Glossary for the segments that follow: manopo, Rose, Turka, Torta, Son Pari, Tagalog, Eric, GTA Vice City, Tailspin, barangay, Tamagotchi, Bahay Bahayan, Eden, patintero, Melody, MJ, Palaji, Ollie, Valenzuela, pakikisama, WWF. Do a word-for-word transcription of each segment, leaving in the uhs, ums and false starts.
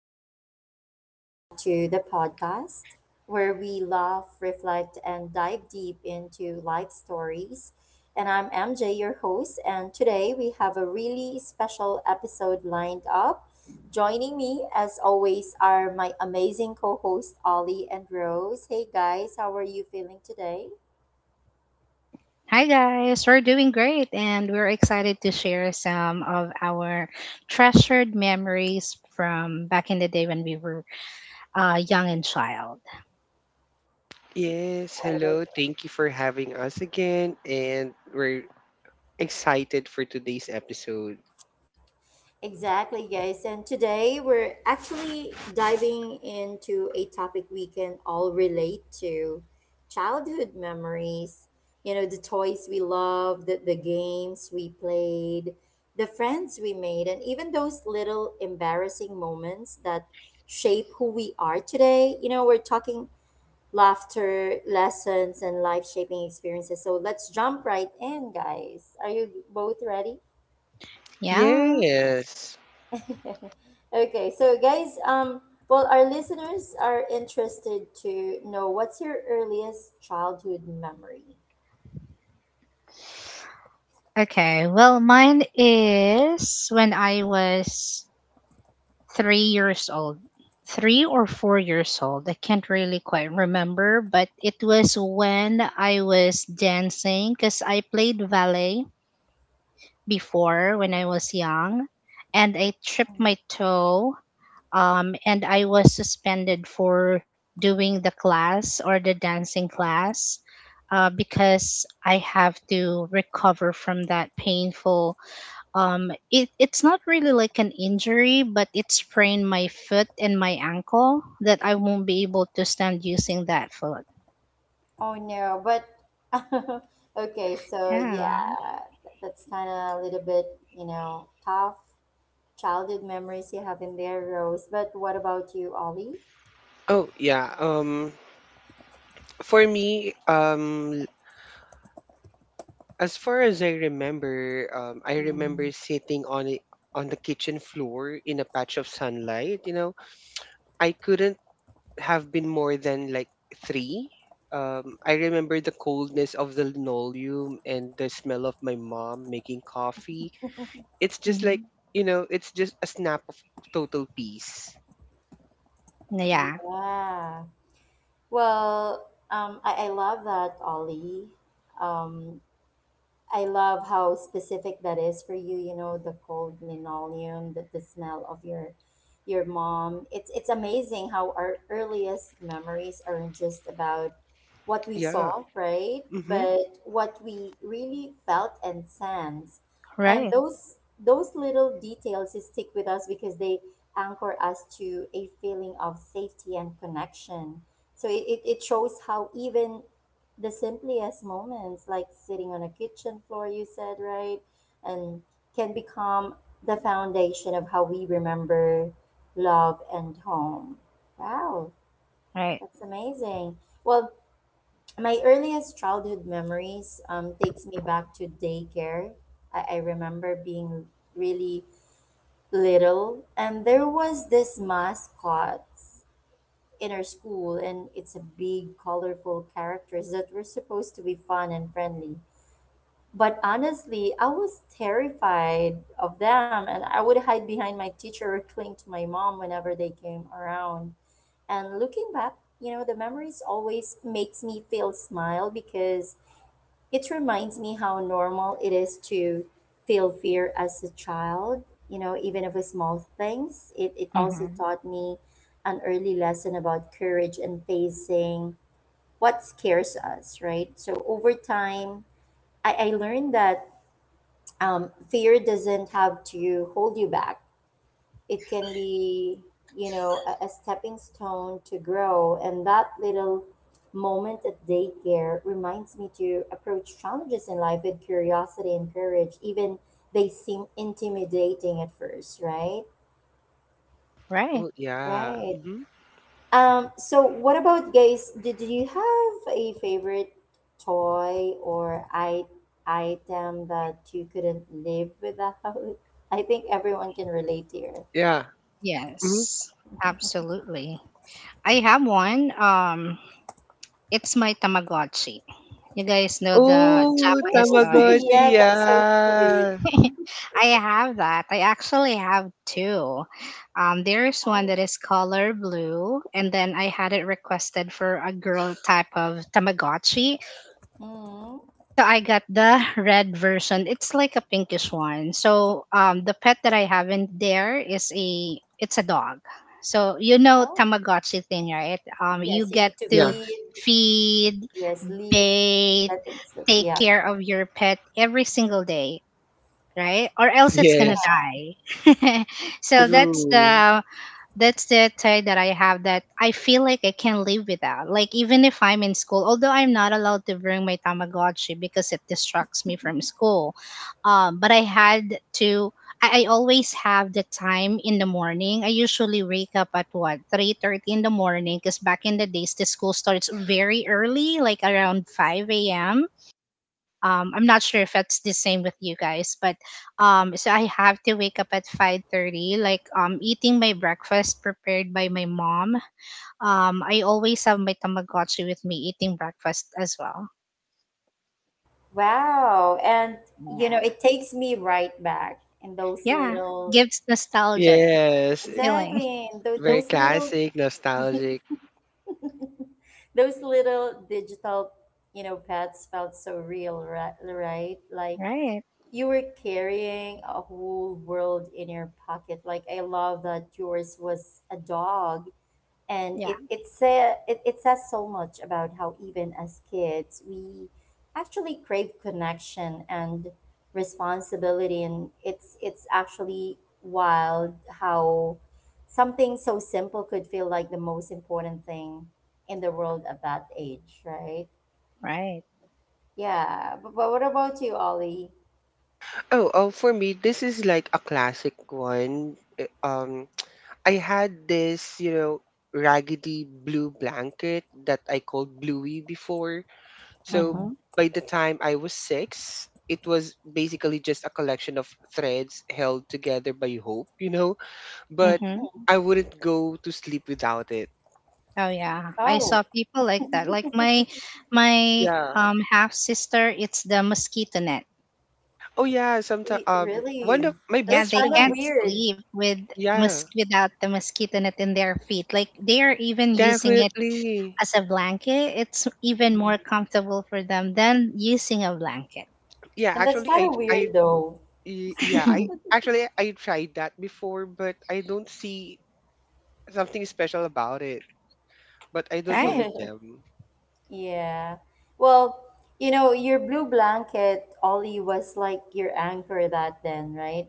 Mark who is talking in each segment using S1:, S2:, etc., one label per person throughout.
S1: everyone, welcome back to the podcast where we laugh, reflect, and dive deep into life stories. And I'm M J, your host, and today we have a really special episode lined up. Joining me, as always, are my amazing co hosts, Ollie and Rose. Hey guys, how are you feeling today?
S2: Hi guys, we're doing great and we're excited to share some of our treasured memories from back in the day when we were uh, young and child.
S3: yes,
S1: What about
S3: hello. Thank you for having us again. And we're excited for today's episode.
S1: exactly, guys. And today we're actually diving into a topic we can all relate to childhood memories. You know, the toys we loved, the, the games we played, the friends we made, and even those little embarrassing moments that shape who we are today. You know, we're talking laughter, lessons, and life shaping experiences. So let's jump right in, guys. Are you both ready?
S2: Yeah.
S3: Yes.
S1: Okay, so guys, um, well, our listeners are interested to know what's your earliest childhood memory.
S2: Okay, well, mine is when I was three years old, three or four years old. I can't really quite remember, but it was when I was dancing because I played ballet before when I was young and I tripped my toe, um, and I was suspended for doing the class or the dancing class, uh, because I have to recover from that painful. Um, it, it's not really like an injury, but it sprained my foot and my ankle that I won't be able to stand using that foot.
S1: Oh no, but okay, so
S2: Yeah.
S1: yeah, that's kind of a little bit, you know, tough childhood memories you have in there, Rose. But what about you, Ollie?
S3: Oh, yeah. Um, for me, um, as far as I remember, um, I remember
S1: Mm,
S3: sitting on it on the kitchen floor in a patch of sunlight. You know, I couldn't have been more than like three. Um, I remember the coldness of the linoleum and the smell of my mom making coffee. It's just like,
S2: Mhm.
S3: you know it's just a snap of total peace.
S2: Yeah.
S1: yeah. Well, um, I, I love that, Ollie. Um, I love how specific that is for you. You know, the cold linoleum, the, the smell of your your mom. It's it's amazing how our earliest memories aren't just about what we
S3: Yeah.
S1: saw, right?
S3: Mm-hmm.
S1: But what we really felt and sensed. And
S2: Right.
S1: those those little details stick with us because they anchor us to a feeling of safety and connection. So it, it, it shows how even the simplest moments, like sitting on a kitchen floor, you said, right? And can become the foundation of how we remember love and home. Wow,
S2: Right.
S1: that's amazing. Well, my earliest childhood memories um, takes me back to daycare. I, I remember being really little, and there was this mascot in our school, and it's a big, colorful characters that were supposed to be fun and friendly. But honestly, I was terrified of them, and I would hide behind my teacher or cling to my mom whenever they came around. And looking back, you know, the memories always makes me feel smile because it reminds me how normal it is to feel fear as a child, you know, even of small things. It, it also
S2: Hmm.
S1: taught me an early lesson about courage and facing what scares us, right? So over time, I, I learned that um, fear doesn't have to hold you back. It can be, you know, a, a stepping stone to grow. And that little moment at daycare reminds me to approach challenges in life with curiosity and courage, even they seem intimidating at first, right?
S2: Right.
S3: Oh, yeah.
S1: Right.
S3: Mm-hmm.
S1: Um, so what about guys? Did you have a favorite toy or I item that you couldn't live without? I think everyone can relate here.
S3: Yeah. Mm-hmm.
S2: Yes. Absolutely. I have one. Um, It's my Tamagotchi. You guys know the
S3: Oh,
S2: Japanese
S1: Oh,
S2: toy?
S3: Tamagotchi.
S1: yeah, that's so
S3: Yeah.
S1: cute.
S2: I have that. I actually have two. Um, there's one that
S1: Oh.
S2: is color blue, and then I had it requested for a girl type of Tamagotchi.
S1: Hmm.
S2: So I got the red version. It's like a pinkish one. So um, the pet that I have in there is a it's a dog. So you know
S1: Oh.
S2: Tamagotchi thing, right? Um,
S1: Yes,
S2: you
S1: you
S2: get
S1: need to
S3: Yeah.
S2: to
S1: feed.
S2: feed,
S1: Yes, sleep.
S2: bait,
S1: Let them sleep.
S2: take
S1: Yeah.
S2: care of your pet every single day, right, or else it's gonna
S3: Yes.
S1: Yeah.
S2: die so that's
S3: True.
S2: the that's the tie that I have, that I feel like I can't live without, like even if I'm in school, although I'm not allowed to bring my Tamagotchi because it distracts me from school, um, but I had to, I, I always have the time in the morning. I usually wake up at what three thirty in the morning, because back in the days the school starts very early, like around five a.m, um I'm not sure if that's the same with you guys, but um so I have to wake up at five thirty, like um eating my breakfast prepared by my mom. um I always have my Tamagotchi with me eating breakfast as well.
S1: Wow. And you know,
S2: Yeah,
S1: it takes me right back in those
S2: yeah,
S1: little
S2: gives nostalgic
S3: Yes, i-
S2: feeling.
S1: exactly in those,
S3: very
S1: those little
S3: classic, nostalgic.
S1: those little digital, you know, pets felt so real, ri- right? Like
S2: Right.
S1: you were carrying a whole world in your pocket. Like I love that yours was a dog and
S2: Yeah.
S1: it it say, it, it says so much about how even as kids we actually crave connection and responsibility and it's it's actually wild how something so simple could feel like the most important thing in the world at that age, right?
S2: Right.
S1: Yeah, but, but what about you, Ollie?
S3: Oh oh for me, this is like a classic one. Uh, um I had this, you know raggedy blue blanket that I called Bluey before. So
S1: Mm.
S2: Mhm.
S3: by the time I was six, it was basically just a collection of threads held together by hope, you know? But
S2: Mhm.
S1: Mm.
S3: I wouldn't go to sleep without it.
S2: Oh yeah, I saw
S1: Oh,
S2: people like that. Like my my
S3: Yeah.
S2: um half sister, it's the mosquito net.
S3: Oh, yeah, sometimes
S1: y-
S3: um one of
S1: really?
S3: my
S2: Yeah,
S1: That's
S3: best
S2: they
S1: kind
S3: friends
S1: of
S3: be-
S2: can't
S1: weird.
S2: sleep with
S3: yeah,
S2: mos- without the mosquito net in their feet. Like they are even using it
S3: definitely.
S2: as a blanket. It's even more comfortable for them than using a blanket.
S3: Yeah,
S1: And that's
S3: actually
S1: kind
S3: I
S1: of
S3: I
S1: weird though.
S3: y- yeah, I actually I tried that before, but I don't see something special about it. But I don't know
S2: Right,
S3: with them.
S1: Yeah. Well, you know, your blue blanket, Ollie, was like your anchor that then, right?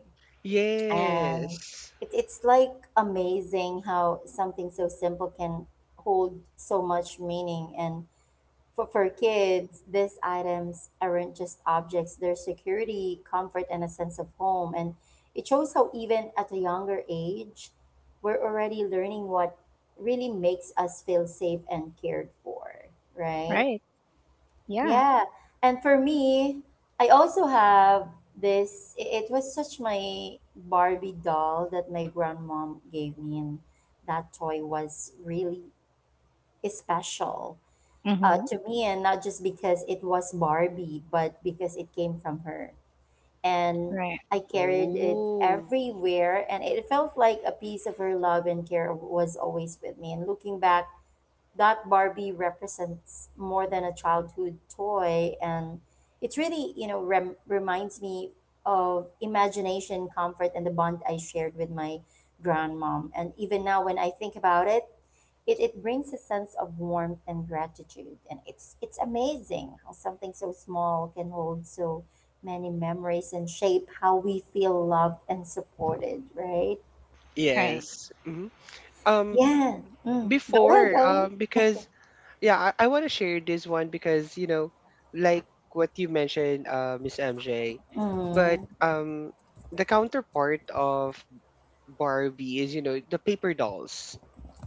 S1: And
S3: Yes.
S1: it, it's like amazing how something so simple can hold so much meaning. And for, for kids, these items aren't just objects, they're security, comfort, and a sense of home. And it shows how, even at a younger age, we're already learning what really makes us feel safe and cared for, right?
S2: right. Yeah.
S1: Yeah. And for me, I also have this i- it was such my Barbie doll that my grandmom gave me and that toy was really special uh,
S2: Mm-hmm.
S1: to me and not just because it was Barbie but because it came from her. And
S2: Right,
S1: I carried it
S3: Oh.
S1: everywhere and it felt like a piece of her love and care was always with me. And looking back that Barbie represents more than a childhood toy. And it really, you know, rem- reminds me of imagination, comfort, and the bond I shared with my grandmom. And even now, when I think about it, it, it brings a sense of warmth and gratitude. And it's, it's amazing how something so small can hold so many memories and shape how we feel loved and supported, right?
S2: right,
S3: Yes. Hmm. Um,
S1: Yeah. Mm. Go ahead,
S3: before,
S1: Ollie.
S3: um, because, yeah, I, I want to share this one because, you know, like what you mentioned, uh, Miss M J. but
S1: Mm.
S3: um, the counterpart of Barbie is, you know the paper dolls.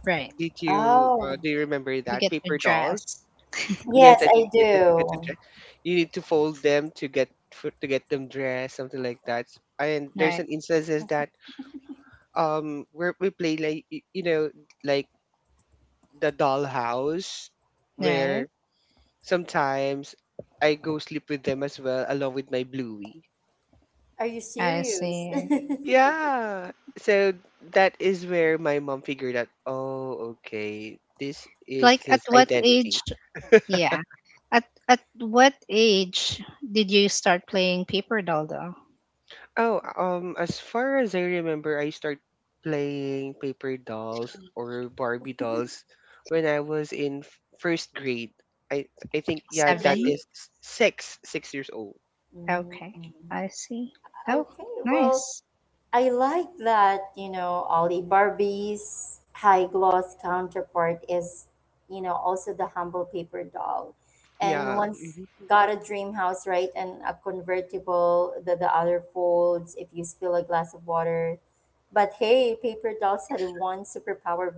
S2: right.
S3: Did you uh,
S1: Oh.
S3: Do you remember
S2: You
S3: that
S2: get to
S3: paper dolls?
S2: dress.
S3: Yes,
S1: Yes,
S3: that
S1: I
S3: you get- that you get to
S1: do.
S3: dress. You need to fold them to get for, to get them dressed, something like that. And there's
S2: Right,
S3: an instances that um where we play like, y- you know like the dollhouse
S2: right.
S3: where sometimes I go sleep with them as well along with my Bluey.
S1: Are you
S2: I
S1: serious?
S2: see.
S3: Yeah. So that is where my mom figured out, oh, okay, this is
S2: Like at
S3: his
S2: what age?
S3: identity.
S2: Yeah. At at what age did you start playing paper doll though?
S3: Oh, um, as far as I remember, I start playing paper dolls or Barbie dolls when I was in f- first grade. I I think, yeah, that
S2: Seven?
S1: Really?
S3: is s- six six years old.
S1: Mm.
S2: Okay, I see. Oh,
S1: Okay, well,
S2: nice.
S1: I like that, you know, Ollie Barbie's high gloss counterpart is, you know, also the humble paper doll. And
S3: Yeah.
S1: once
S3: Mhm.
S1: got a dream house, right? And a convertible that the other folds if you spill a glass of water. But hey, paper dolls had one superpower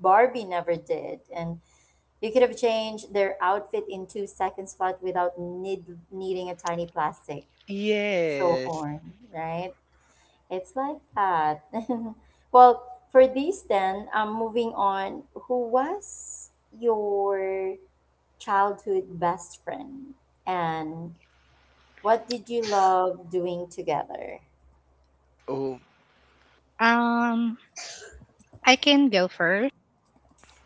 S1: Barbie never did. And you could have changed their outfit in two seconds flat without need, needing a tiny plastic show
S3: Yes.
S1: horn, right? It's like that. Well, for these then, um, moving on, who was your childhood best friend? And what did you love doing together?
S3: Oh.
S2: Um, I can go first.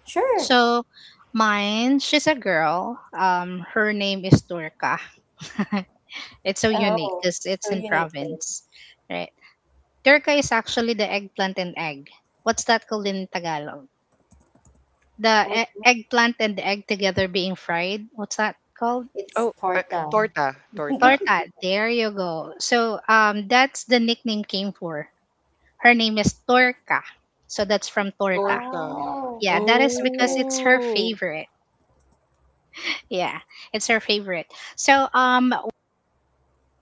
S1: Sure.
S2: So, mine, she's a girl. Um, her name is Durka. it's so unique
S1: Oh,
S2: because it's
S1: so
S2: in
S1: unique.
S2: province, right? Durka is actually the eggplant and egg. What's that called in Tagalog? The
S1: What's
S2: e-
S1: that?
S2: eggplant and the egg together being fried. What's that called?
S1: It's
S3: Oh, uh,
S1: torta.
S3: torta, torta.
S2: Torta. There you go. So, um, that's the nickname came for. Her name is Torka. So that's from Torta.
S3: Torta.
S1: Oh,
S2: Yeah, that is because
S1: okay.
S2: it's her
S3: Oh.
S2: favorite. Yeah, it's her favorite. So um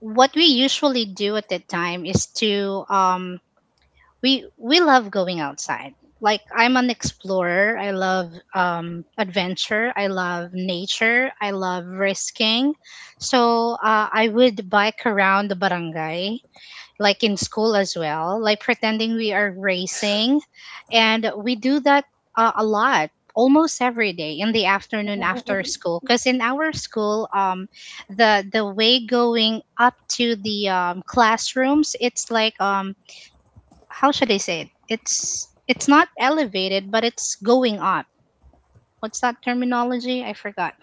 S2: what we usually do at that time is to um we we love going outside. Like I'm an explorer. I love um adventure. I love nature. I love risking. So, uh, I would bike around the barangay, like in school as well, like pretending we are racing. And we do that, uh, a lot, almost every day in the afternoon after school. Because in our school, um, the the way going up to the, um, classrooms, it's like, um, how should I say it? It's it's not elevated, but it's going up. What's that terminology? I forgot.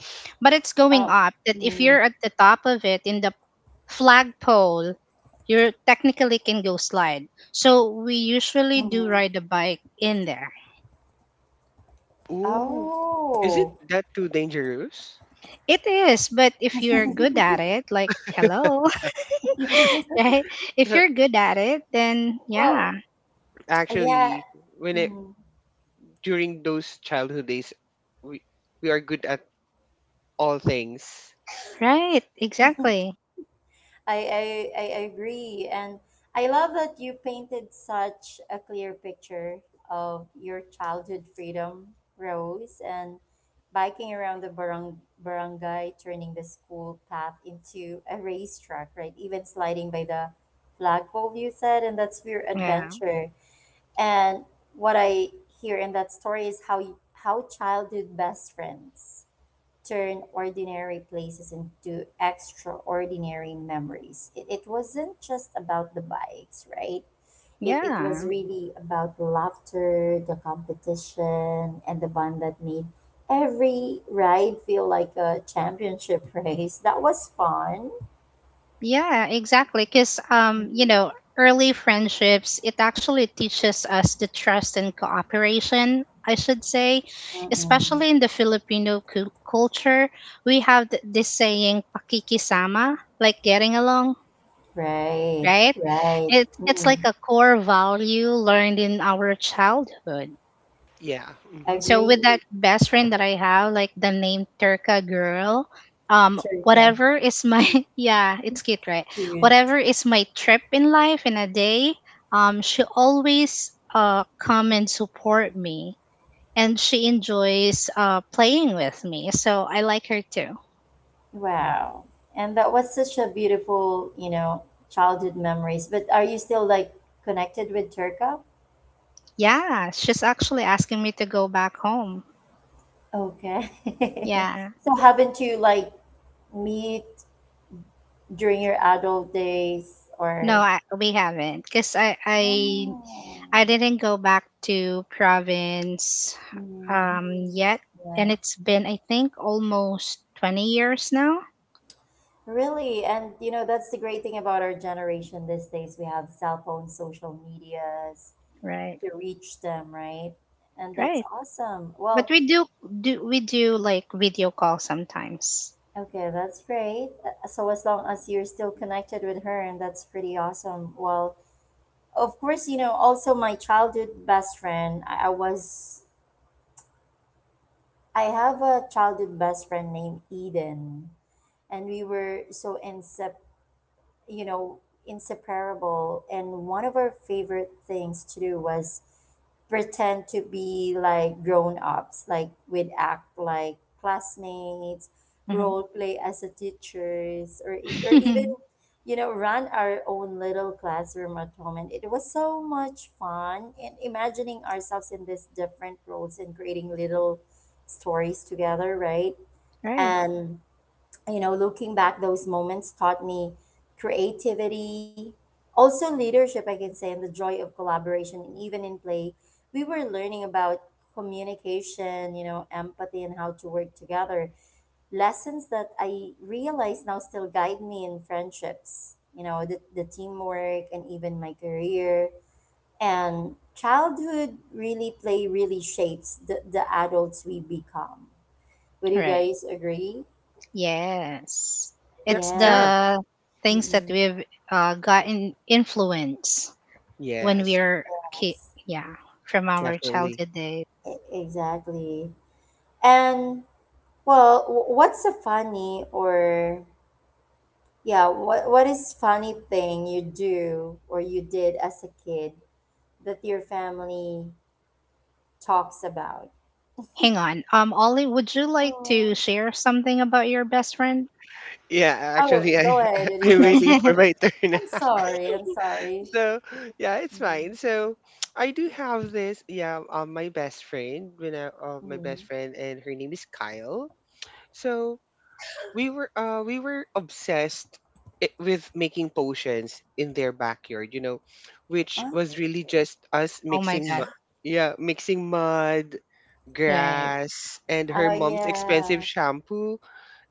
S2: But it's going
S1: Oh,
S2: up that if you're at the top of it in the flagpole, you technically can go slide. So we usually do
S1: mm-hmm.
S2: ride the bike in there.
S3: Oh, isn't
S1: Oh,
S3: that too dangerous?
S2: It is, but if you're good at it, like hello, right? If you're good at it, then
S1: well,
S2: yeah,
S1: yeah,
S3: Actually, when it
S1: mm,
S3: during those childhood days, we we are good at all things.
S2: right, exactly.
S1: I, I, I agree. And I love that you painted such a clear picture of your childhood freedom, Rose, and biking around the barang- barangay, turning the school path into a racetrack, right? Even sliding by the flagpole, you said, and that's your
S2: Yeah,
S1: adventure. And what I hear in that story is how, you, how childhood best friends turn ordinary places into extraordinary memories. It, it wasn't just about the bikes, right? It, it was
S2: yeah.
S1: really about the laughter, the competition, and the bond that made every ride feel like a championship race. That was fun.
S2: Yeah, exactly. Because, um, you know, early friendships, it actually teaches us the trust and cooperation, I should say.
S1: Mm-mm.
S2: Especially in the Filipino cul- culture, we have th- this saying, pakikisama, like getting along,
S1: Right,
S2: right?
S1: right.
S2: It, it's like
S1: Mm.
S2: a core value learned in our childhood.
S3: Yeah. Mm-hmm.
S2: So with
S1: Agree,
S2: that best friend that I have, like the name Turka girl, um,
S1: Turka.
S2: whatever is my yeah, it's cute, right?
S1: Cute.
S2: Whatever is my trip in life in a day, um, she always uh come and support me, and she enjoys uh playing with me. So I like her too.
S1: Wow. And that was such a beautiful, you know, childhood memories. But are you still like connected with Turco?
S2: Yeah, she's actually asking me to go back home.
S1: Okay.
S2: Yeah.
S1: So haven't you like meet during your adult days
S2: No,
S1: or
S2: I, we haven't, cause I I
S1: oh.
S2: I didn't go back to province
S1: Mhm.
S2: um yet, and
S1: Yeah.
S2: it's been I think almost twenty years now.
S1: Really, and you know, that's the great thing about our generation these days. We have cell phones, social medias
S2: Right.
S1: to reach them, right? And that's
S2: Right.
S1: awesome.
S2: But
S1: Well,
S2: we do do we do like video call sometimes.
S1: okay, that's great. Uh, So as long as you're still connected with her, and that's pretty awesome. Well, of course, you know, also my childhood best friend, I, I was I have a childhood best friend named Eden, and we were so inseparable, you know, inseparable. And one of our favorite things to do was pretend to be like grown ups, like we'd act like classmates,
S2: Hmm.
S1: role play as a teachers, or e- or even, you know, run our own little classroom at home. And it was so much fun and imagining ourselves in these different roles and creating little stories together, right?
S2: Right.
S1: And you know, looking back, those moments taught me creativity, also leadership, I can say, and the joy of collaboration. And even in play, we were learning about communication, you know, empathy, and how to work together. Lessons that I realize now still guide me in friendships, you know, the, the teamwork and even my career. And childhood really play really shapes the, the adults we become. Would you
S2: Right.
S1: guys agree?
S2: Yes.
S3: Yeah.
S2: It's
S1: Yeah.
S3: Yeah.
S2: the things that
S1: Mm-mm.
S2: we've, uh, gotten influence when we
S3: Yes,
S2: are kid. Yeah, from our
S3: definitely.
S2: childhood.
S1: E- Exactly. And well, wh- what's a funny or yeah, what what is funny thing you do or you did as a kid that your family talks about?
S2: Hang on. Um, Ollie, would you like to
S1: Oh,
S2: share something about your best friend?
S3: Yeah,
S1: oh,
S3: actually, I
S1: go ahead with your
S3: I'm
S1: best
S3: waiting
S1: friend
S3: for
S1: first.
S3: my turn.
S1: I'm sorry. I'm sorry.
S3: So yeah, it's fine.
S1: Mm,
S3: So I do have this. Yeah, um, my best friend, you know, uh, my best
S1: mm.
S3: friend, and her name is Kyle. So we were, uh, we were obsessed i- with making potions in their backyard. You know, which
S1: Huh?
S3: was really just us
S2: Oh my
S3: mixing,
S2: God.
S3: mu- yeah, mixing mud,
S2: Right.
S3: grass, and her
S1: Oh
S3: mom's expensive
S1: yeah.
S3: shampoo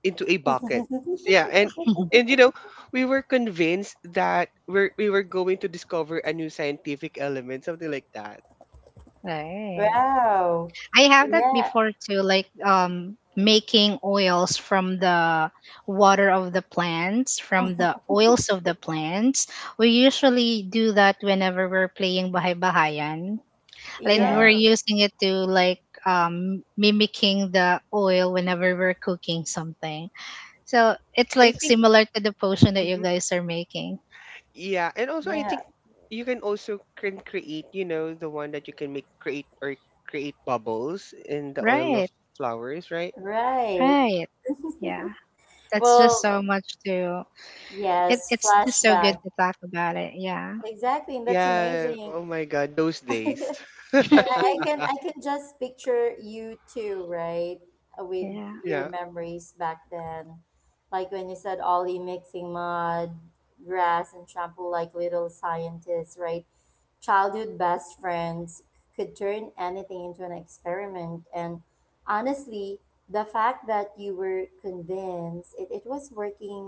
S3: into a bucket. Yeah, and and you know, we were convinced that we're we were going to discover a new scientific element, something like that.
S2: Right.
S1: Wow.
S2: I have that
S1: Yeah.
S2: before too, like um making oils from the water of the plants, from the oils of the plants. We usually do that whenever we're playing Bahay Bahayan. And
S1: Yeah.
S2: we're
S3: Yeah,
S2: using it to like um mimicking the oil whenever we're cooking something. So it's
S3: I
S2: like
S3: think.
S2: similar to the potion that you
S3: Mhm.
S2: guys are making.
S3: Yeah, and also I
S1: Yeah.
S3: think you can also can create, you know, the one that you can make create or create bubbles in the oil of
S2: Right,
S3: flowers, right?
S1: Right.
S2: right. Yeah. That's just
S1: Well,
S2: so much to it,
S1: yes,
S2: it's just so good
S1: flashback.
S2: to talk about it. Yeah.
S1: Exactly, and that's
S3: Yeah.
S1: amazing.
S3: Oh my God, those days.
S1: And I, I can I can just picture you too, right? Uh, with
S2: Yeah.
S1: your
S3: Yeah.
S1: memories back then. Like when you said Ollie mixing mud, grass and shampoo like little scientists, right? Childhood best friends could turn anything into an experiment. And honestly, the fact that you were convinced it, it was working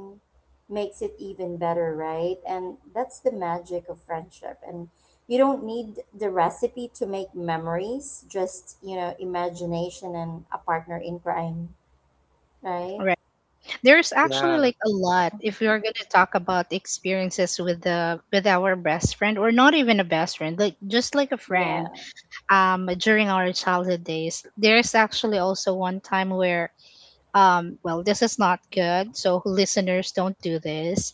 S1: makes it even better, right? And that's the magic of friendship. And you don't need the recipe to make memories, just, you know, imagination and a partner in crime, right?
S2: Right. There's actually
S3: Yeah.
S2: like a lot if we
S1: Mhm.
S2: are gonna talk about experiences with the with our best friend, or not even a best friend, like just like a
S1: Yeah,
S2: friend, um during our childhood days. There's actually also one time where, um well, this is not good, so listeners don't do this.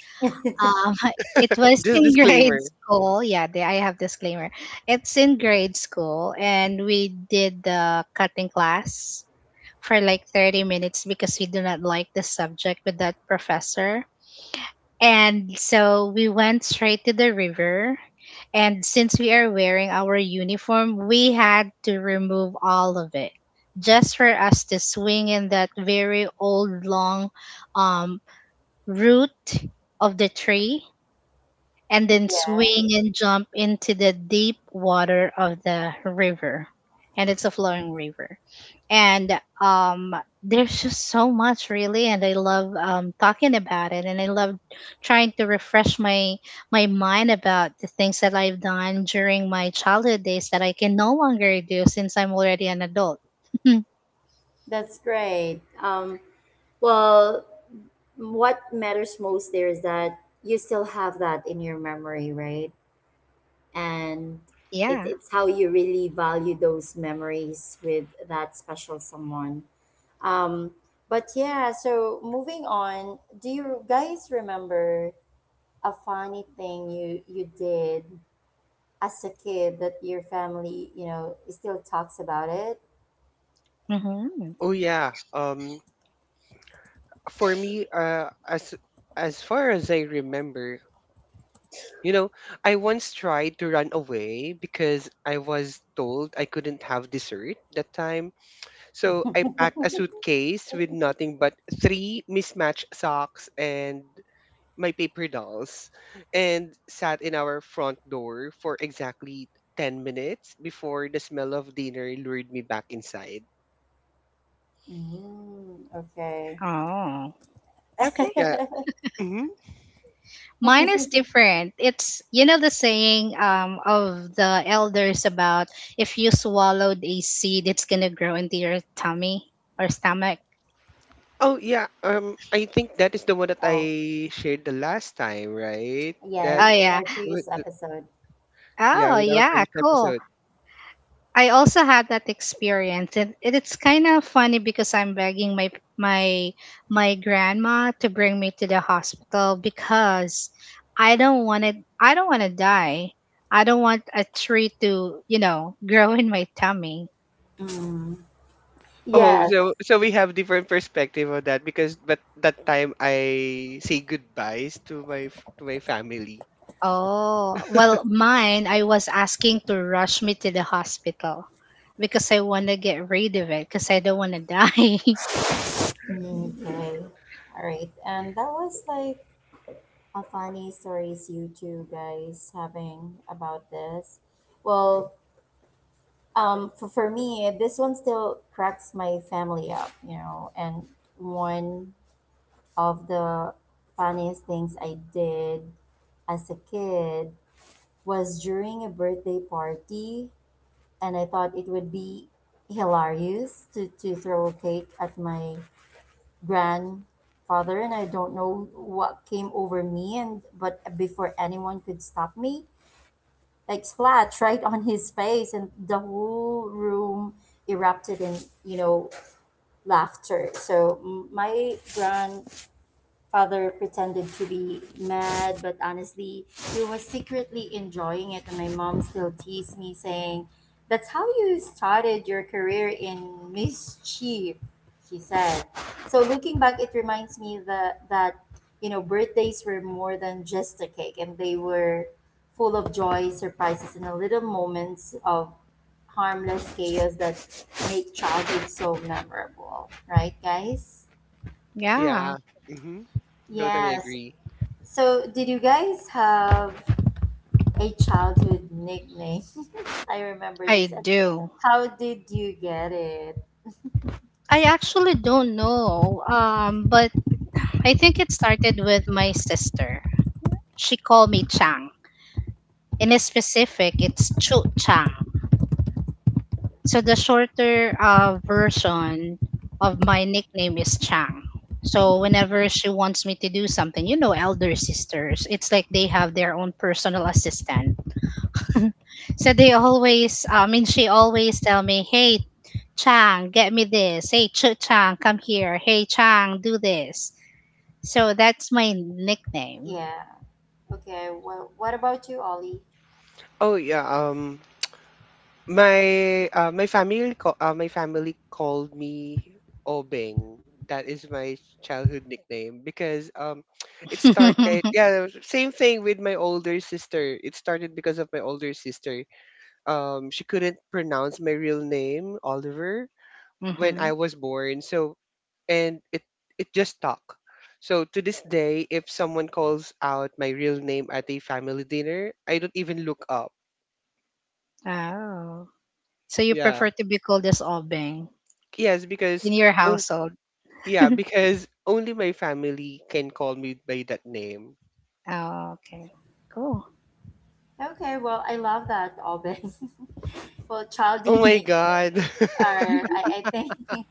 S2: Um, it was
S3: Just
S2: in grade
S3: disclaimer.
S2: school. Yeah, the, I have disclaimer. It's in grade school, and we did the cutting class for like thirty minutes because we do not like the subject with that professor. And so we went straight to the river. And since we are wearing our uniform, we had to remove all of it just for us to swing in that very old long, um, root of the tree, and then
S1: yeah,
S2: swing and jump into the deep water of the river, and it's a flowing river, and um there's just so much really. And I love um talking about it, and I love trying to refresh my my mind about the things that I've done during my childhood days that I can no longer do since I'm already an adult.
S1: that's great. Um, well, what matters most there is that you still have that in your memory, right? And it,
S2: Yeah.
S1: it's how you really value those memories with that special someone. Um, but yeah, so moving on, do you guys remember a funny thing you you did as a kid that your family you know still talks about it?
S2: Hmm.
S3: Oh, yeah. Um. For me, uh, as as far as I remember, you know, I once tried to run away because I was told I couldn't have dessert that time. So I packed a suitcase with nothing but three mismatched socks and my paper dolls and sat in our front door for exactly ten minutes before the smell of dinner lured me back inside.
S1: Mm, okay.
S2: Oh, okay.
S3: Yeah. Mm-hmm.
S2: Mine is different. It's, you know the saying um of the elders about, if you swallowed a seed, it's gonna grow into your tummy or stomach.
S3: Oh, yeah, um, I think that is the one that
S1: Oh
S3: I shared the last time, right?
S1: yeah,
S3: That
S2: Oh
S1: in, in
S2: yeah.
S1: our
S3: with
S1: previous
S3: the,
S1: episode.
S3: yeah,
S2: Oh
S3: with our
S2: yeah.
S3: previous
S2: Cool.
S3: episode.
S2: I also had that experience, and it, it's kind of funny because I'm begging my my my grandma to bring me to the hospital because I don't want to, I don't want to die. I don't want a tree to, you know grow in my tummy.
S1: Mm,
S3: Oh,
S1: yes.
S3: so so we have different perspective on that because but that time I say goodbyes to my f- to my family.
S2: Oh, well, mine, I was asking to rush me to the hospital because I want to get rid of it because I don't want to die.
S1: Mm, okay. All right, and that was like a funny stories you two guys having about this. Well, um for, for me this one still cracks my family up, you know. And one of the funniest things I did as a kid was during a birthday party, and I thought it would be hilarious to, to throw a cake at my grandfather, and I don't know what came over me, and but before anyone could stop me, like splat right on his face, and the whole room erupted in, you know, laughter. So m- my grand father pretended to be mad, but honestly, he was secretly enjoying it. And my mom still teased me, saying, "That's how you started your career in mischief," she said. So looking back, it reminds me that, that you know, birthdays were more than just a cake, and they were full of joy, surprises, and a little moments of harmless chaos that make childhood so memorable, right, guys?
S2: Yeah,
S3: Yeah. Mm-hmm. Totally
S1: Yes.
S3: agree.
S1: So, did you guys have a childhood nickname? I remember
S2: I
S1: this. And
S2: do.
S1: how did you get it?
S2: I actually don't know. Um, but I think it started with my sister. She called me Chang. In specific, it's Chu Chang. So the shorter, uh, version of my nickname is Chang. So whenever
S1: Mhm.
S2: she wants me to do something, you know, elder sisters, it's like they have their own personal assistant. so they always, I mean, she always tell me, "Hey, Chang, get me this. Hey, Ch- Chang, come here. Hey, Chang, do this." So that's my nickname.
S1: Yeah. Okay. Well, what about you, Ollie?
S3: Oh, yeah. Um. My uh, my family co- uh, my family called me Obeng. That is my childhood nickname because um it started, yeah, same thing with my older sister. It started because of my older sister. Um she couldn't pronounce my real name, Oliver, when
S2: Hmm.
S3: I was born. So and it it just stuck. So to this day, if someone calls out my real name at a family dinner, I don't even look up.
S2: Oh, so you
S3: Yeah.
S2: prefer to be called as Obeng
S3: Yes, because
S2: in your
S3: on-
S2: household?
S3: yeah, because only my family can call me by that name.
S2: Oh, okay. Cool.
S1: Okay. Well, I love that, Alben. Well,
S3: Oh
S1: childhood
S3: my god.
S1: nicknames are, I, I think,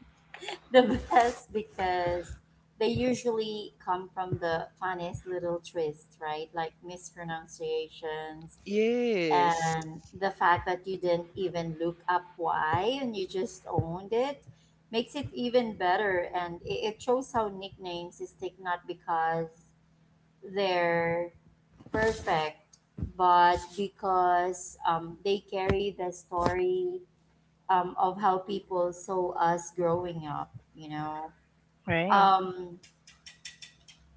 S1: the best because they usually come from the funniest little twists, right? Like mispronunciations,
S3: Yes.
S1: and the fact that you didn't even look up why and you just owned it makes it even better. And it, it shows how nicknames stick not because they're perfect, but because um, they carry the story, um, of how people saw us growing up, you know?
S2: Right.
S1: um,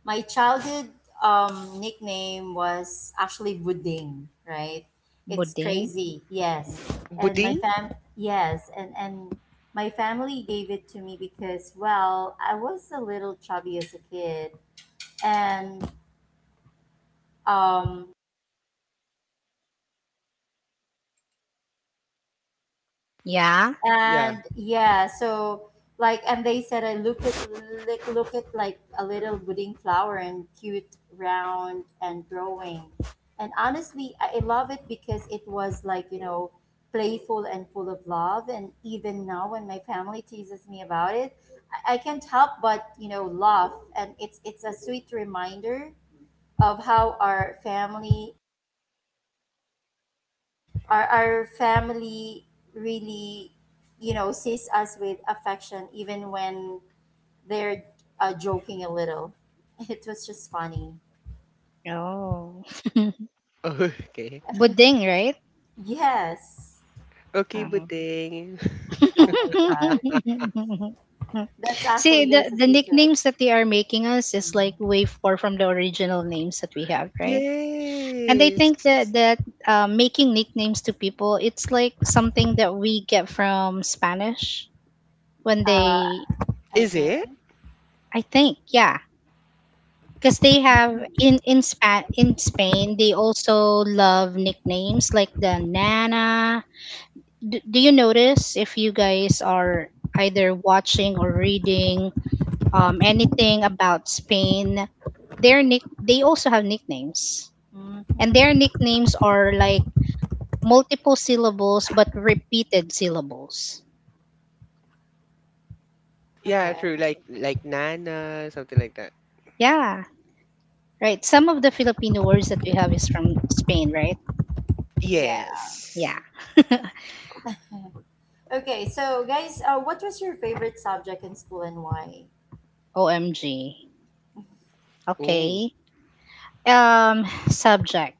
S1: my childhood um, nickname was actually Buding, right? It's
S2: Buding.
S1: crazy, yes. And my
S3: Buding?
S1: fam, yes, and and my family gave it to me because, well, I was a little chubby as a kid, and, um,
S2: Yeah.
S3: Yeah.
S1: and yeah, so like and they said I look at like look at like a little budding flower and cute, round, and growing. And honestly, i I love it because it was like, you know, playful and full of love. And even now when my family teases me about it, i, I can't help but, you know, laugh. And it's it's a sweet reminder of how our family, our, our family really, you know, sees us with affection even when they're uh, joking a little. It was just funny.
S2: Oh.
S3: Okay.
S2: Buding, right?
S1: Yes.
S3: Okay,
S2: Um.
S3: buding.
S1: Oh my god, that's
S2: See,
S1: actually
S2: the,
S1: guys a
S2: the
S1: secret.
S2: nicknames that they are making us is like way far from the original names that we have, right? And I
S3: Yes.
S2: think that that, uh, making nicknames to people, it's like something that we get from Spanish when
S1: uh
S2: they,
S1: I
S3: Is
S1: think.
S3: it?
S2: I think, yeah, because they have in in Spa- in Spain they also love nicknames, like the Nana. D- do you notice if you guys are either watching or reading, um, anything about Spain, their nick they also have nicknames, and
S1: Mm-hmm.
S2: their nicknames are like multiple syllables but repeated syllables.
S3: Yeah,
S1: Okay.
S3: true. Like like Nana, something like that.
S2: Yeah, right. Some of the Filipino words that we have is from Spain, right?
S1: Yeah.
S2: Yeah.
S3: Yes.
S1: Okay, so guys, uh, what was your favorite subject in school and why?
S2: O M G.
S3: Oh,
S2: Okay. Um, subject.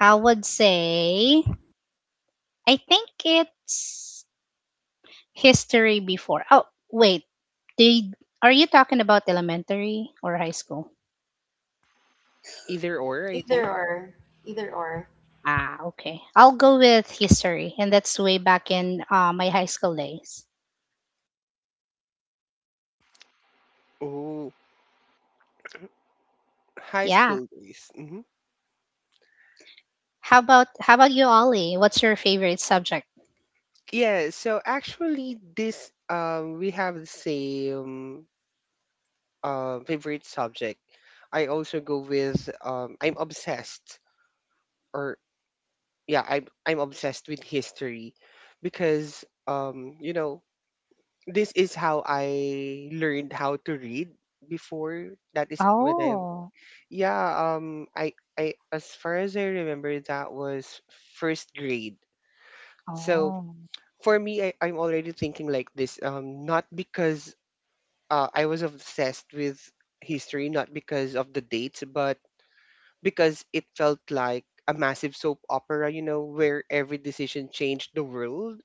S2: I would say I think it's history before. Oh, wait. Did are you talking about elementary or high school?
S3: either or, I
S1: Either
S3: think.
S1: or. Either or.
S2: Ah, okay. I'll go with history, and that's way back in, uh, my high school days.
S3: Oh, high
S2: Yeah.
S3: school days. Hmm.
S2: How about how about you, Ollie? What's your favorite subject?
S3: Yeah. So actually, this um, we have the same um favorite subject. I also go with um I'm obsessed or yeah, I'm I'm obsessed with history because, um you know, this is how I learned how to read before. That is when I
S2: Oh,
S3: yeah, um I I as far as I remember that was first grade. So
S2: oh,
S3: for me, I, I'm already thinking like this, um not because, uh, I was obsessed with history, not because of the dates, but because it felt like a massive soap opera, you know, where every decision changed the world.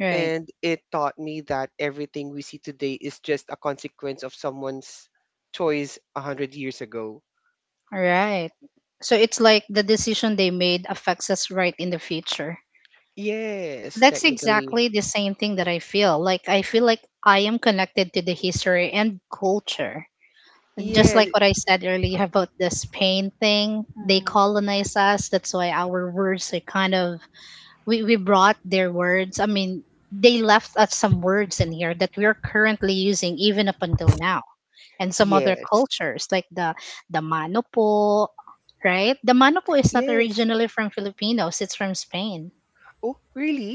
S2: right,
S3: And it taught me that everything we see today is just a consequence of someone's choice a hundred years ago.
S2: right. So it's like the decision they made affects us right in the future.
S3: Yes,
S2: That's
S3: technically.
S2: exactly the same thing that I feel. Like I feel like I am connected to the history and culture. Just
S3: Yes,
S2: like what I said earlier about the Spain thing, they
S1: Hmm.
S2: colonized us. That's why our words are kind of we, we brought their words. I mean, they left us some words in here that we are currently using even up until now. And some other
S3: yes,
S2: cultures like the the manopo, right? The manopo is not
S3: yes.
S2: originally from Filipinos, it's from Spain.
S3: Oh, really?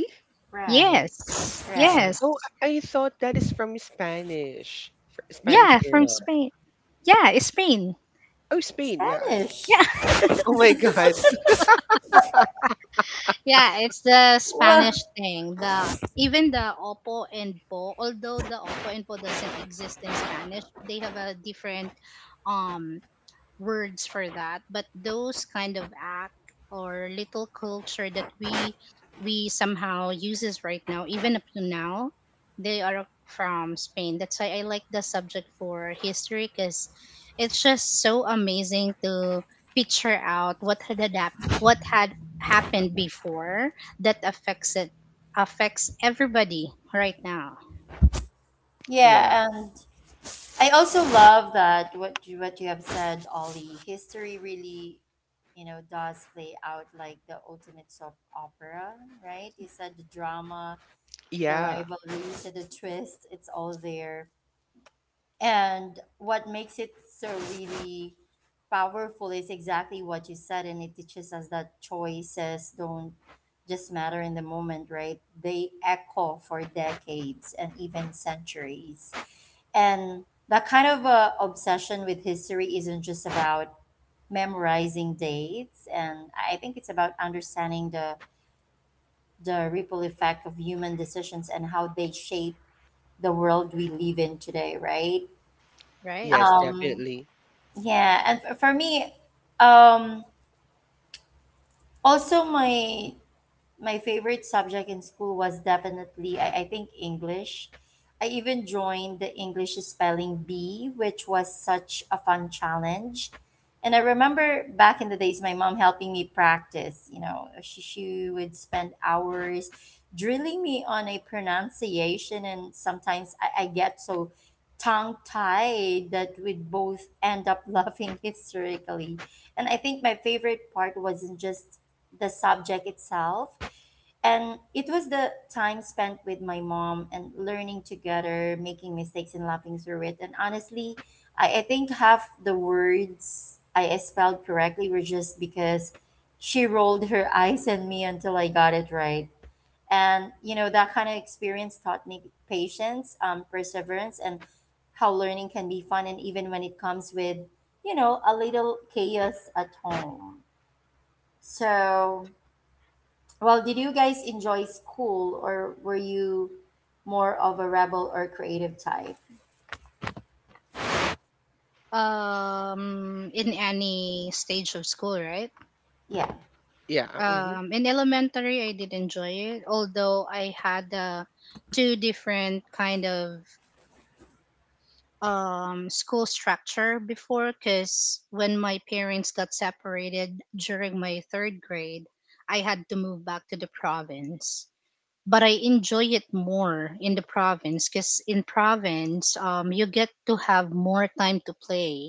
S1: Right.
S2: Yes.
S1: Right.
S2: Yes.
S3: Oh, I I thought that is from Spanish, fr- Spanish
S2: Yeah, from
S3: era.
S2: Spain. Yeah, it's Spain.
S3: Oh, Spain. Yeah.
S1: Spanish.
S2: Yeah.
S3: Oh my God.
S2: Yeah, it's the
S1: Well.
S2: Spanish thing. The even the opo and po, although the opo and po doesn't exist in Spanish, they have a different um words for that, but those kind of act or little culture that we we somehow uses right now even up to now, they are from Spain. That's why I like the subject for history, because it's just so amazing to picture out what had adapt, what had happened before that affects it, affects everybody right now.
S3: Yeah.
S1: Yeah, and I also love that what you, what you have said, Ollie. History really, you know, does play out like the ultimate soap opera, right? You said the drama, the
S3: Yeah.
S1: rivalries, and the twists. It's all there. And what makes it so really powerful is exactly what you said, and it teaches us that choices don't just matter in the moment, right? They echo for decades and even centuries. And that kind of uh, obsession with history isn't just about memorizing dates, and I think it's about understanding the the ripple effect of human decisions and how they shape the world we live in today, right?
S2: Right.
S3: Yes,
S1: Um,
S3: definitely.
S1: yeah, and f- for me, um, also my my favorite subject in school was definitely, I, I think, English. I even joined the English spelling bee, which was such a fun challenge. And I remember back in the days, my mom helping me practice. You know, she, she would spend hours drilling me on a pronunciation, and sometimes I, I get so tongue tied that we'd both end up laughing hysterically. And I think my favorite part wasn't just the subject itself. And it was the time spent with my mom and learning together, making mistakes and laughing through it. And honestly, I, I think half the words I spelled correctly were just because she rolled her eyes at me until I got it right. And, you know, that kind of experience taught me patience, um, perseverance, and how learning can be fun. And even when it comes with, you know, a little chaos at home. So, well, did you guys enjoy school or were you more of a rebel or creative type?
S2: um in any stage of school, right?
S1: Yeah.
S3: Yeah. Hmm.
S2: um, in elementary I did enjoy it, although I had uh, two different kind of um, school structure before, because when my parents got separated during my third grade, I had to move back to the province. But I enjoy it more in the province, because in province um, you get to have more time to play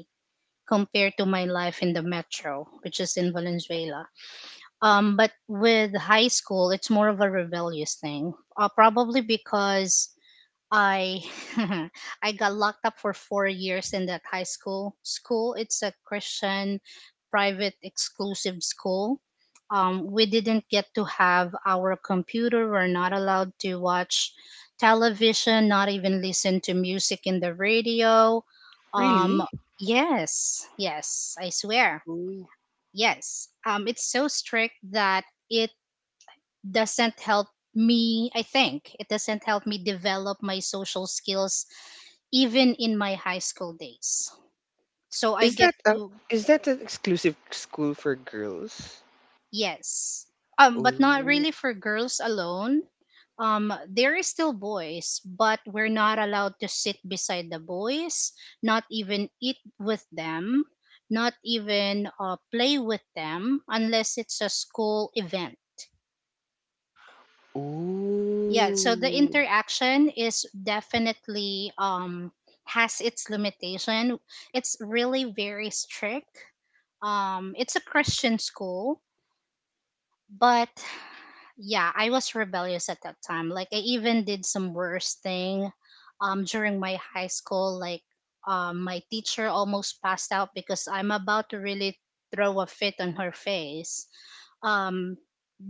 S2: compared to my life in the metro, which is in Valenzuela. um, but with high school, it's more of a rebellious thing. Uh, probably because I I got locked up for four years in that high school. School, it's a Christian private exclusive school. Um, we didn't get to have our computer. We're not allowed to watch television, not even listen to music in the radio. Um.
S3: Really?
S2: Yes, yes, I swear.
S3: Oh.
S2: Yes, um, it's so strict that it doesn't help me, I think. It doesn't help me develop my social skills even in my high school days. So I
S3: Is
S2: get
S3: that a,
S2: to,
S3: is that an exclusive school for girls?
S2: yes. Um, but not
S3: Oh.
S2: really for girls alone. Um, there is still boys, but we're not allowed to sit beside the boys, not even eat with them, not even uh, play with them unless it's a school event. Yeah, so the
S3: Oh.
S2: interaction is definitely um has its limitation. It's really very strict. Um it's a Christian school, but yeah, I was rebellious at that time. Like I even did some worse thing um during my high school, like um my teacher almost passed out because I'm about to really throw a fit on her face. Um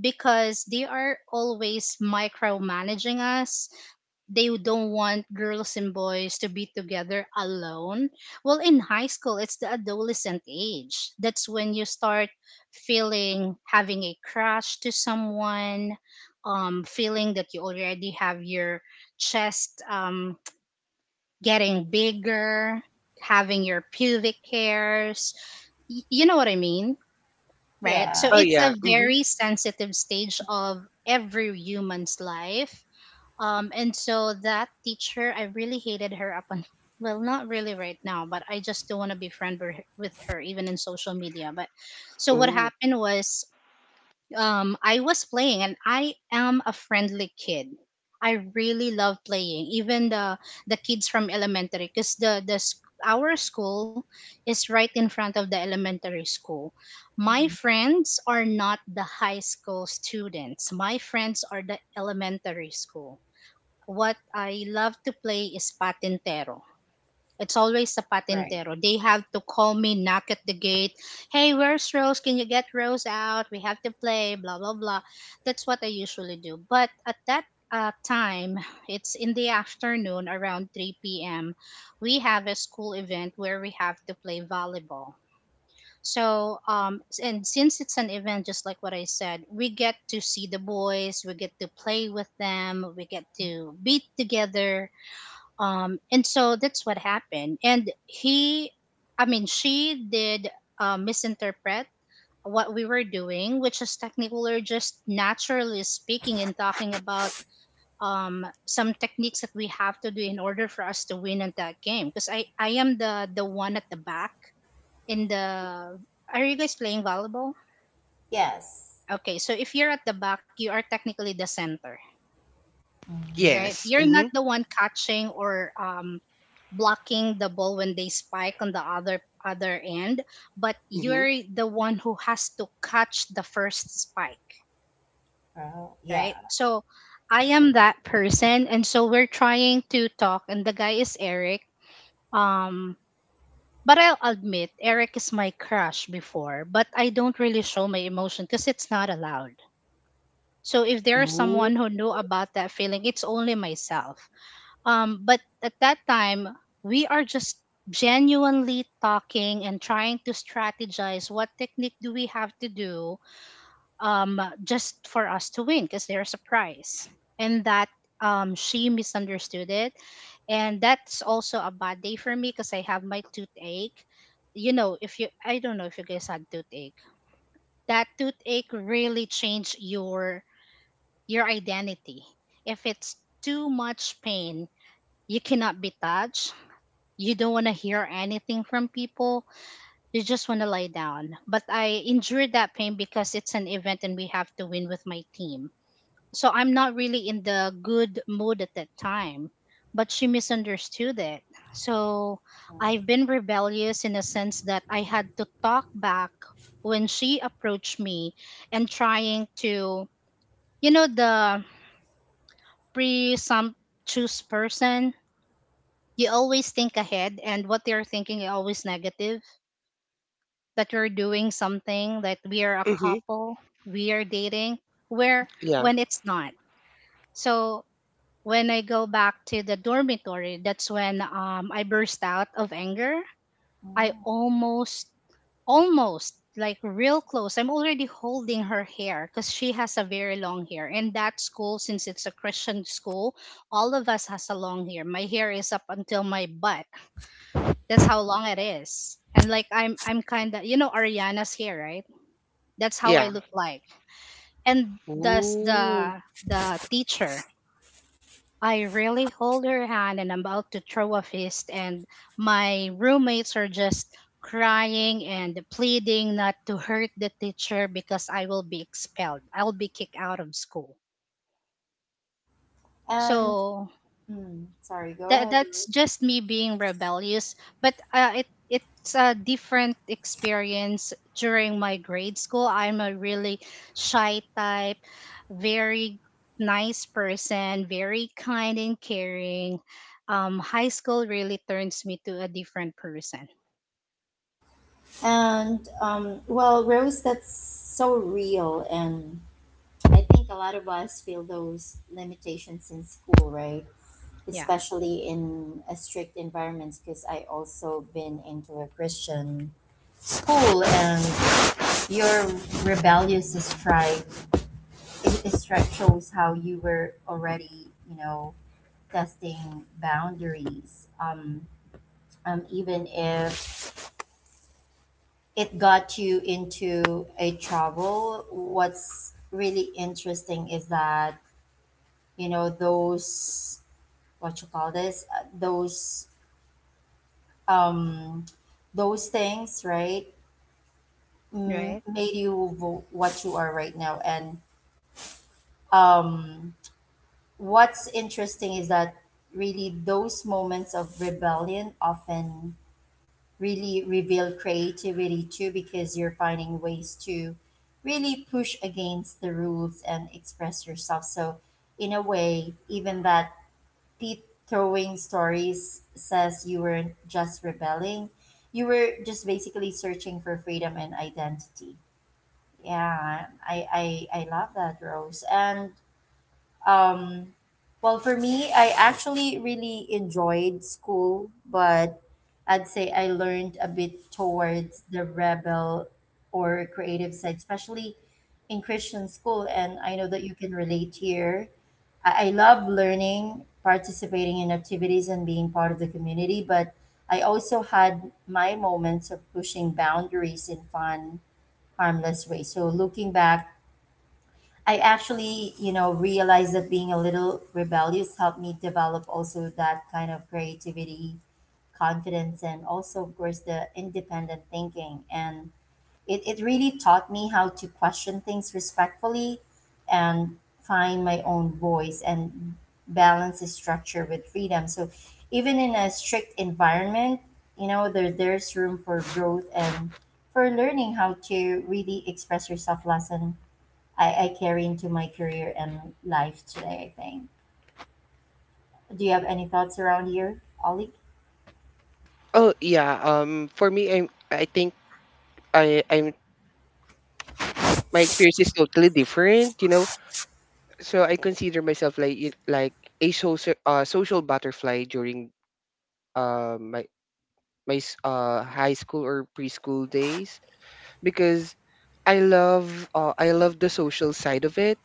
S2: because they are always micromanaging us. They don't want girls and boys to be together alone. Well, in high school, it's the adolescent age. That's when you start feeling having a crush to someone, um, feeling that you already have your chest um, getting bigger, having your pubic hairs. Y- you know what I mean, right?
S1: Yeah.
S2: So
S3: Oh,
S2: it's a
S3: yeah. Mm-hmm.
S2: very sensitive stage of every human's life. Um, and so that teacher, I really hated her up on, well, not really right now, but I just don't want to be friend with her, with her, even in social media. But so what
S3: Oh.
S2: happened was um, I was playing, and I am a friendly kid. I really love playing, even the the kids from elementary, because the the s- our school is right in front of the elementary school. My
S1: Hmm.
S2: friends are not the high school students. My friends are the elementary school. What I love to play is patintero. It's always the
S1: Right.
S2: patintero. They have to call me, knock at the gate. Hey, where's Rose? Can you get Rose out? We have to play, blah, blah, blah. That's what I usually do. But at that uh, time, it's in the afternoon around three p m. We have a school event where we have to play volleyball. So, um, s- and since it's an event, just like what I said, we get to see the boys, we get to play with them, we get to be together, um, and so that's what happened. And he, I mean, she did uh, misinterpret what we were doing, which is technically just naturally speaking and talking about um, some techniques that we have to do in order for us to win at that game. Because I, I am the, the one at the back in the. Are you guys playing volleyball?
S1: Yes.
S2: Okay, so if you're at the back, you are technically the center. Right?
S3: Yes.
S2: You're not
S3: Mm-hmm.
S2: the one catching or um, blocking the ball when they spike on the other other end, but
S3: Mm-hmm.
S2: you're the one who has to catch the first spike,
S1: Well,
S2: right?
S1: yeah.
S2: So I am that person, and so we're trying to talk, and the guy is Eric. Um, but I'll admit, Eric is my crush before, but I don't really show my emotion because it's not allowed. So if there's
S3: Oh.
S2: someone who knew about that feeling, it's only myself. Um, but at that time, we are just genuinely talking and trying to strategize what technique do we have to do um, just for us to win because there's a prize. And that um, she misunderstood it. And that's also a bad day for me because I have my toothache. You know, if you, I don't know if you guys had toothache. That toothache really changed your your identity. If it's too much pain, you cannot be touched, you don't want to hear anything from people, you just want to lie down. But I endured that pain because it's an event and we have to win with my team. So I'm not really in the good mood at that time, but she misunderstood it. So I've been rebellious in a sense that I had to talk back when she approached me and trying to, you know, the presumptuous person, you always think ahead, and what they're thinking is always negative, that we're doing something, that we are a
S3: Mm-hmm.
S2: couple, we are dating, where
S3: Yeah.
S2: when it's not. So when I go back to the dormitory, that's when um, I burst out of anger. I almost, almost like real close. I'm already holding her hair because she has a very long hair. And that school, since it's a Christian school, all of us has a long hair. My hair is up until my butt. That's how long it is. And like I'm I'm kinda, you know, Ariana's hair, right? That's how I
S3: Yeah.
S2: look like. And thus the
S3: Oh.
S2: the teacher. I really hold her hand, and I'm about to throw a fist, and my roommates are just crying and pleading not to hurt the teacher because I will be expelled. I'll be kicked out of school.
S1: And
S2: So
S1: mm, sorry, go
S2: that,
S1: ahead,
S2: that's
S1: Rose.
S2: just me being rebellious, but uh, it it's a different experience during my grade school. I'm a really shy type, very nice person, very kind and caring. um high school really turns me to a different person.
S1: And um, well, Rose, that's so real, and I think a lot of us feel those limitations in school, right?
S2: Yeah,
S1: Especially in a strict environment, because I also been into a Christian school, and your rebellious strike stripe shows how you were already, you know, testing boundaries. Um, um, even if it got you into a trouble, what's really interesting is that, you know, those what you call this, uh, those, um those things, right, m-
S2: right.
S1: made you vo- what you are right now. And um, what's interesting is that really those moments of rebellion often really reveal creativity too, because you're finding ways to really push against the rules and express yourself. So in a way, even that pit throwing stories says you weren't just rebelling, you were just basically searching for freedom and identity. Yeah, i i i love that, Rose. And um, well, for me, I actually really enjoyed school, but I'd say I learned a bit towards the rebel or creative side, especially in Christian school. And I know that you can relate here. I, I love learning, participating in activities, and being part of the community, but I also had my moments of pushing boundaries in fun, harmless ways. So looking back, I actually, you know, realized that being a little rebellious helped me develop also that kind of creativity, confidence, and also, of course, the independent thinking. And it, it really taught me how to question things respectfully and find my own voice and balance the structure with freedom. So even in a strict environment, you know, there, there's room for growth and for learning how to really express yourself less. And I, I carry into my career and life today, I think. Do you have any thoughts around here, Ollie?
S3: Oh, yeah. Um for me, I'm I think I I'm my experience is totally different, you know. So I consider myself like, it- like a social, uh social butterfly during um my my s- uh high school or preschool days. Because I love uh, I love the social side of it,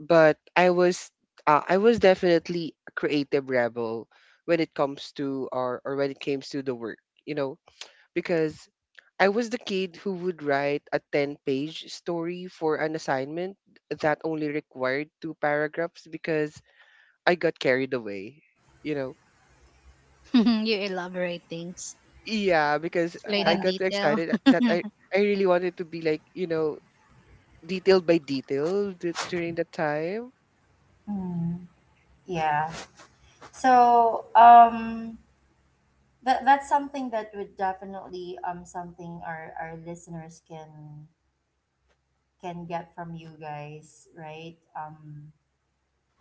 S3: but I was uh, I was definitely a creative rebel when it comes to, or or when it comes to the work, you know, because I was the kid who would write a ten-page story for an assignment that only required two paragraphs because I got carried away, you know.
S2: You elaborate things,
S3: Yeah, because
S2: explain
S3: I
S1: Yeah.
S2: in
S3: got too
S2: detail.
S3: excited that I I really wanted to be like, you know, detail by detail d- during the time?
S1: Mm, yeah. So um, that that's something that would definitely um something, our, our listeners can can get from you guys, right? Um,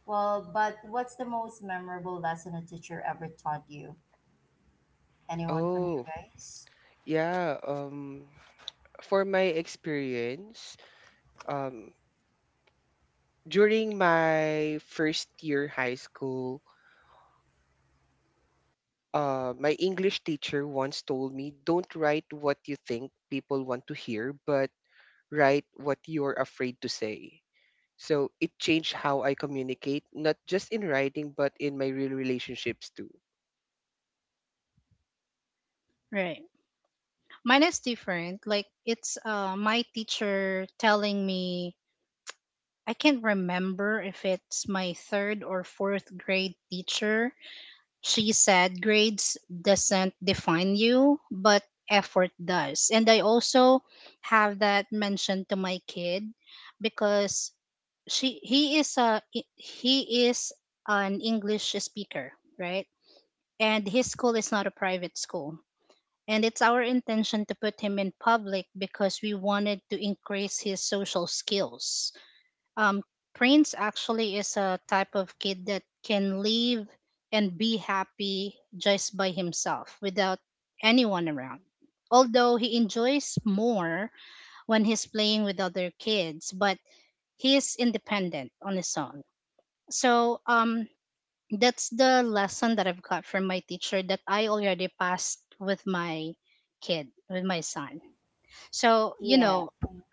S1: well, but what's the most memorable lesson a teacher ever taught you? Anyone from you
S3: Oh,
S1: guys?
S3: yeah. Um, for my experience, um, during my first year high school, uh, my English teacher once told me, "Don't write what you think people want to hear, but write what you're afraid to say." So it changed how I communicate, not just in writing, but in my real relationships too.
S2: Right. Mine is different, like it's uh my teacher telling me, I can't remember if it's my third or fourth grade teacher. She said grades doesn't define you, but effort does. And I also have that mentioned to my kid, because she he is a he is an English speaker, right? And his school is not a private school. And it's our intention to put him in public because we wanted to increase his social skills. um, Prince actually is a type of kid that can live and be happy just by himself without anyone around. Although he enjoys more when he's playing with other kids, but he is independent on his own. So, um, that's the lesson that I've got from my teacher that I already passed with my kid, with my son. So, you
S1: Yeah.
S2: know,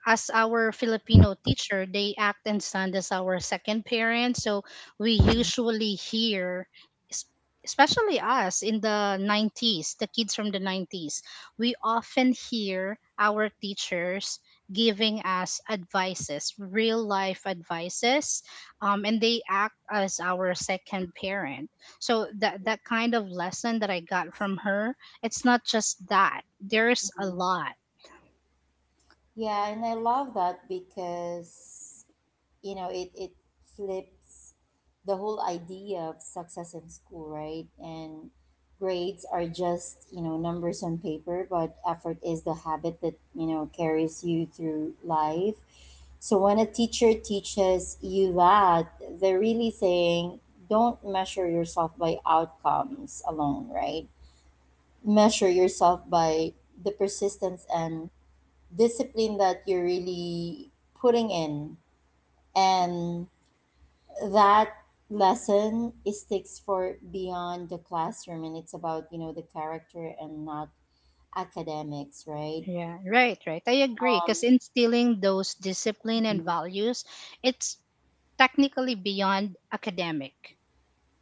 S2: as our Filipino teacher, they act and stand as our second parent. So we usually hear, es- especially us in the nineties, the kids from the nineties, we often hear our teachers giving us advices, real life advices, um, and they act as our second parent. So that, that kind of lesson that I got from her, it's not just that. There's a
S1: Mhm.
S2: lot.
S1: Yeah, and I love that because, you know, it it flips the whole idea of success in school, right? And grades are just, you know, numbers on paper, but effort is the habit that, you know, carries you through life. So when a teacher teaches you that, they're really saying don't measure yourself by outcomes alone, right? Measure yourself by the persistence and discipline that you're really putting in. And that lesson, it sticks for beyond the classroom, and it's about, you know, the character and not academics, right?
S2: Yeah, right, right. I agree. Because instilling those discipline
S1: Mhm.
S2: and values, it's technically beyond academic.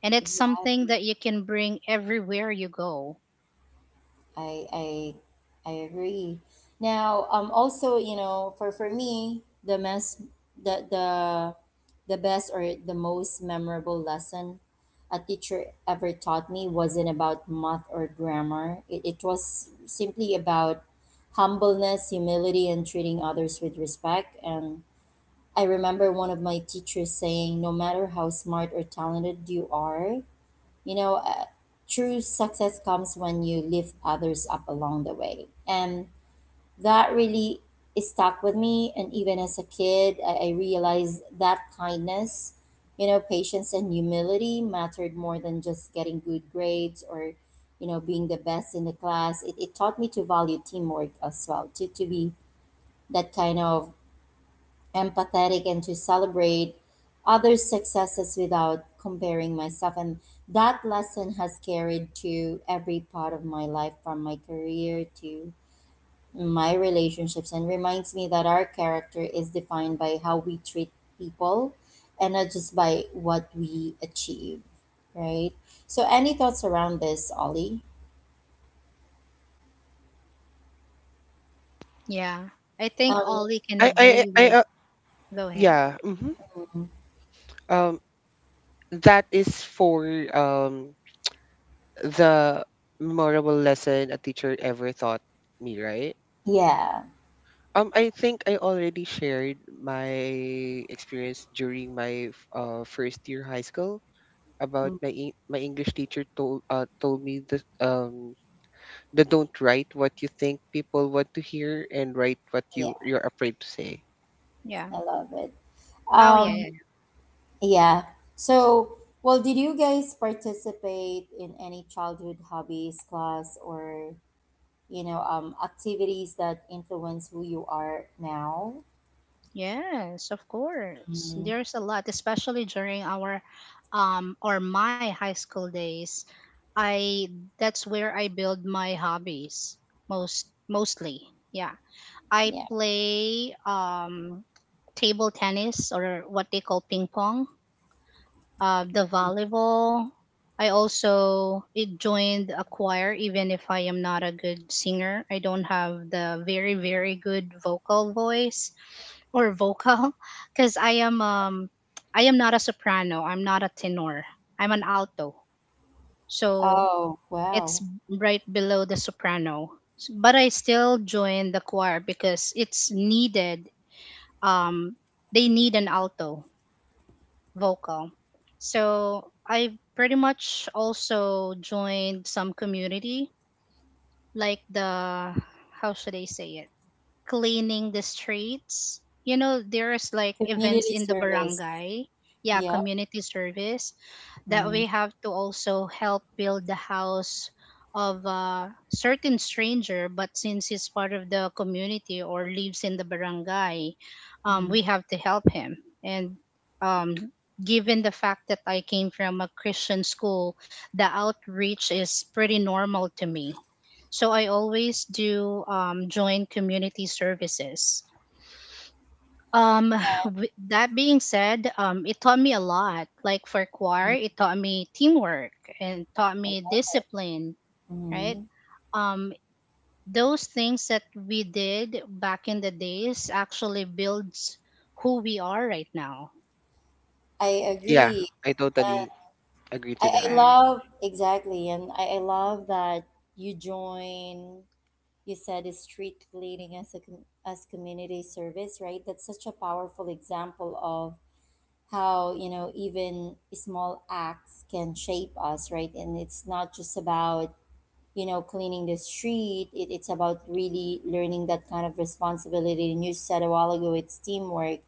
S2: And it's something
S1: Exactly.
S2: that you can bring everywhere you go.
S1: I I I agree. Now, um, also, you know, for for me, the mess, the the the best or the most memorable lesson a teacher ever taught me wasn't about math or grammar. It, it was simply about humbleness, humility, and treating others with respect. And I remember one of my teachers saying, "No matter how smart or talented you are, you know, uh, true success comes when you lift others up along the way." And that really stuck with me. And even as a kid, I, I realized that kindness, you know, patience, and humility mattered more than just getting good grades or, you know, being the best in the class. It, it taught me to value teamwork as well, to, to be that kind of empathetic and to celebrate others' successes without comparing myself. And that lesson has carried to every part of my life from my career to my relationships, and reminds me that our character is defined by how we treat people and not just by what we achieve, right? So, any thoughts around this, Ollie?
S2: Yeah. I think
S1: Um,
S2: Ollie can
S3: I, I,
S2: agree
S3: I, I
S2: with.
S3: uh,
S2: Go ahead.
S3: yeah. Mm-hmm. Um, that is for um the memorable lesson a teacher ever taught me, right?
S1: yeah.
S3: Um, I think I already shared my experience during my f- uh, first year high school about
S1: Mm,
S3: my Eng- my English teacher told, uh, told me that, um that don't write what you think people want to hear and write what you
S1: yeah,
S3: you're afraid to say.
S2: Yeah.
S1: I love it.
S2: Oh, yeah,
S1: Um.
S2: yeah.
S1: Yeah. So, well, did you guys participate in any childhood hobbies, class, or, you know, um, activities that influence who you are now?
S2: Yeah. Yes, of course.
S1: Mm,
S2: There's a lot, especially during our um or my high school days. I that's where I build my hobbies most mostly. Yeah. I
S1: yeah.
S2: play um, table tennis, or what they call ping pong, uh, the volleyball. I also it joined a choir, even if I am not a good singer. I don't have the very, very good vocal voice or vocal because I am um I am not a soprano. I'm not a tenor. I'm an alto. So
S1: Oh,
S2: it's
S1: wow.
S2: right below the soprano. S- But I still joined the choir because it's needed, um, they need an alto vocal. So I pretty much also joined some community, like, the, how should I say it? Cleaning the streets. You know, there's like events
S1: Community
S2: in the
S1: service.
S2: barangay. Yeah,
S1: Yeah.
S2: community service, that
S1: Mm,
S2: we have to also help build the house of a certain stranger, but since he's part of the community or lives in the barangay, um,
S1: mm,
S2: we have to help him. And, um, given the fact that I came from a Christian school, the outreach is pretty normal to me. So I always do, um, join community services. Um, with that being said, um, it taught me a lot. Like for choir,
S1: mm,
S2: it taught me teamwork and taught me discipline, right?
S1: mm.
S2: Um, those things that we did back in the days actually builds who we are right now.
S1: I
S3: Yeah,
S1: agree.
S3: I
S1: Uh,
S3: totally agree
S1: I,
S3: to
S1: I
S3: that.
S2: Right,
S1: love exactly, and I, I love that you join you said is street cleaning as a com- as community service, right? That's such a powerful example of how, you know, even small acts can shape us, right? And it's not just about, you know, cleaning the street. It, it's about really learning that kind of responsibility, and you said a while ago it's teamwork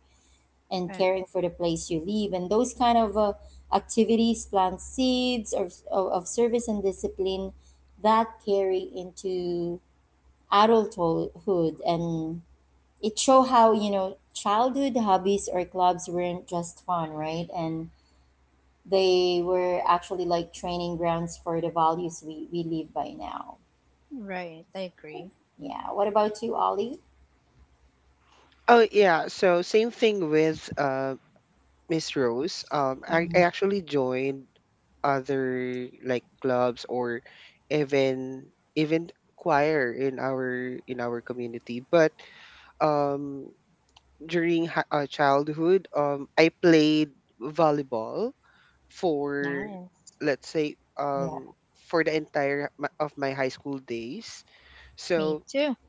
S1: and
S2: right,
S1: caring for the place you live. And those kind of uh, activities plant seeds of, of, of service and discipline that carry into adulthood. And it show how, you know, childhood hobbies or clubs weren't just fun, right? And they were actually like training grounds for the values we, we live by now.
S2: right. I agree.
S1: Yeah, what about you, Ollie?
S3: Oh, yeah, so same thing with uh Miss Rose. Um, I, I actually joined other like clubs or even even choir in our in our community. But um during hi- uh, childhood, um I played volleyball for,
S2: Nice.
S3: let's say,
S1: Yeah.
S3: um for the entire h- my- of my high school days.
S2: Me
S3: So
S2: too.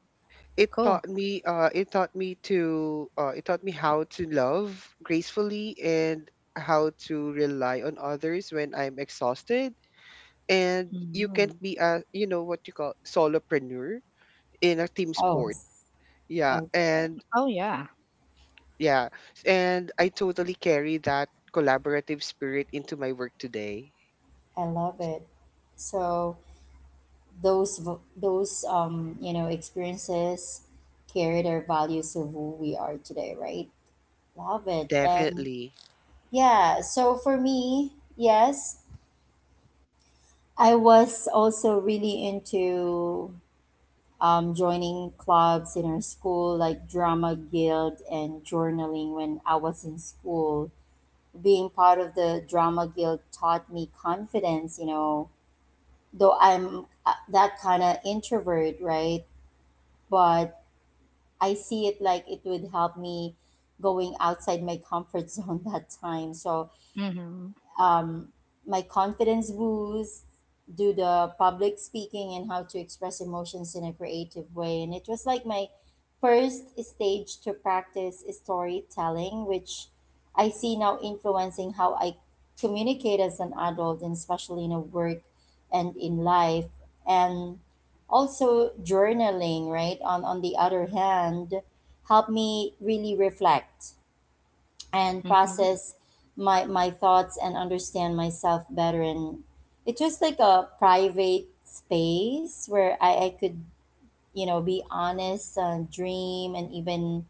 S3: it
S2: Cool.
S3: taught me uh it taught me to uh it taught me how to love gracefully and how to rely on others when I'm exhausted, and you can't
S2: Hmm.
S3: be a, you know, what you call solopreneur in a team
S1: Oh,
S3: sport. Yeah.
S1: okay.
S3: And,
S2: Oh yeah.
S3: yeah, and I totally carry that collaborative spirit into my work today.
S1: I love it. So those v- those um you know, experiences carried our values of who we are today, right? Love it. And
S3: Definitely.
S1: yeah, so for me, yes, I was also really into um, joining clubs in our school, like drama guild and journaling when I was in school. Being part of the drama guild taught me confidence, you know, though I'm uh, that kind of introvert, right? But I see it like it would help me going outside my comfort zone that time. So
S2: Mm-hmm.
S1: um, my confidence boost, do the public speaking and how to express emotions in a creative way. And it was like my first stage to practice storytelling, which I see now influencing how I communicate as an adult and especially in a work and in life. And also journaling, right? On on the other hand, help me really reflect and
S2: Mm-hmm.
S1: process my my thoughts and understand myself better. And it's just like a private space where I, I could, you know, be honest, uh, dream and even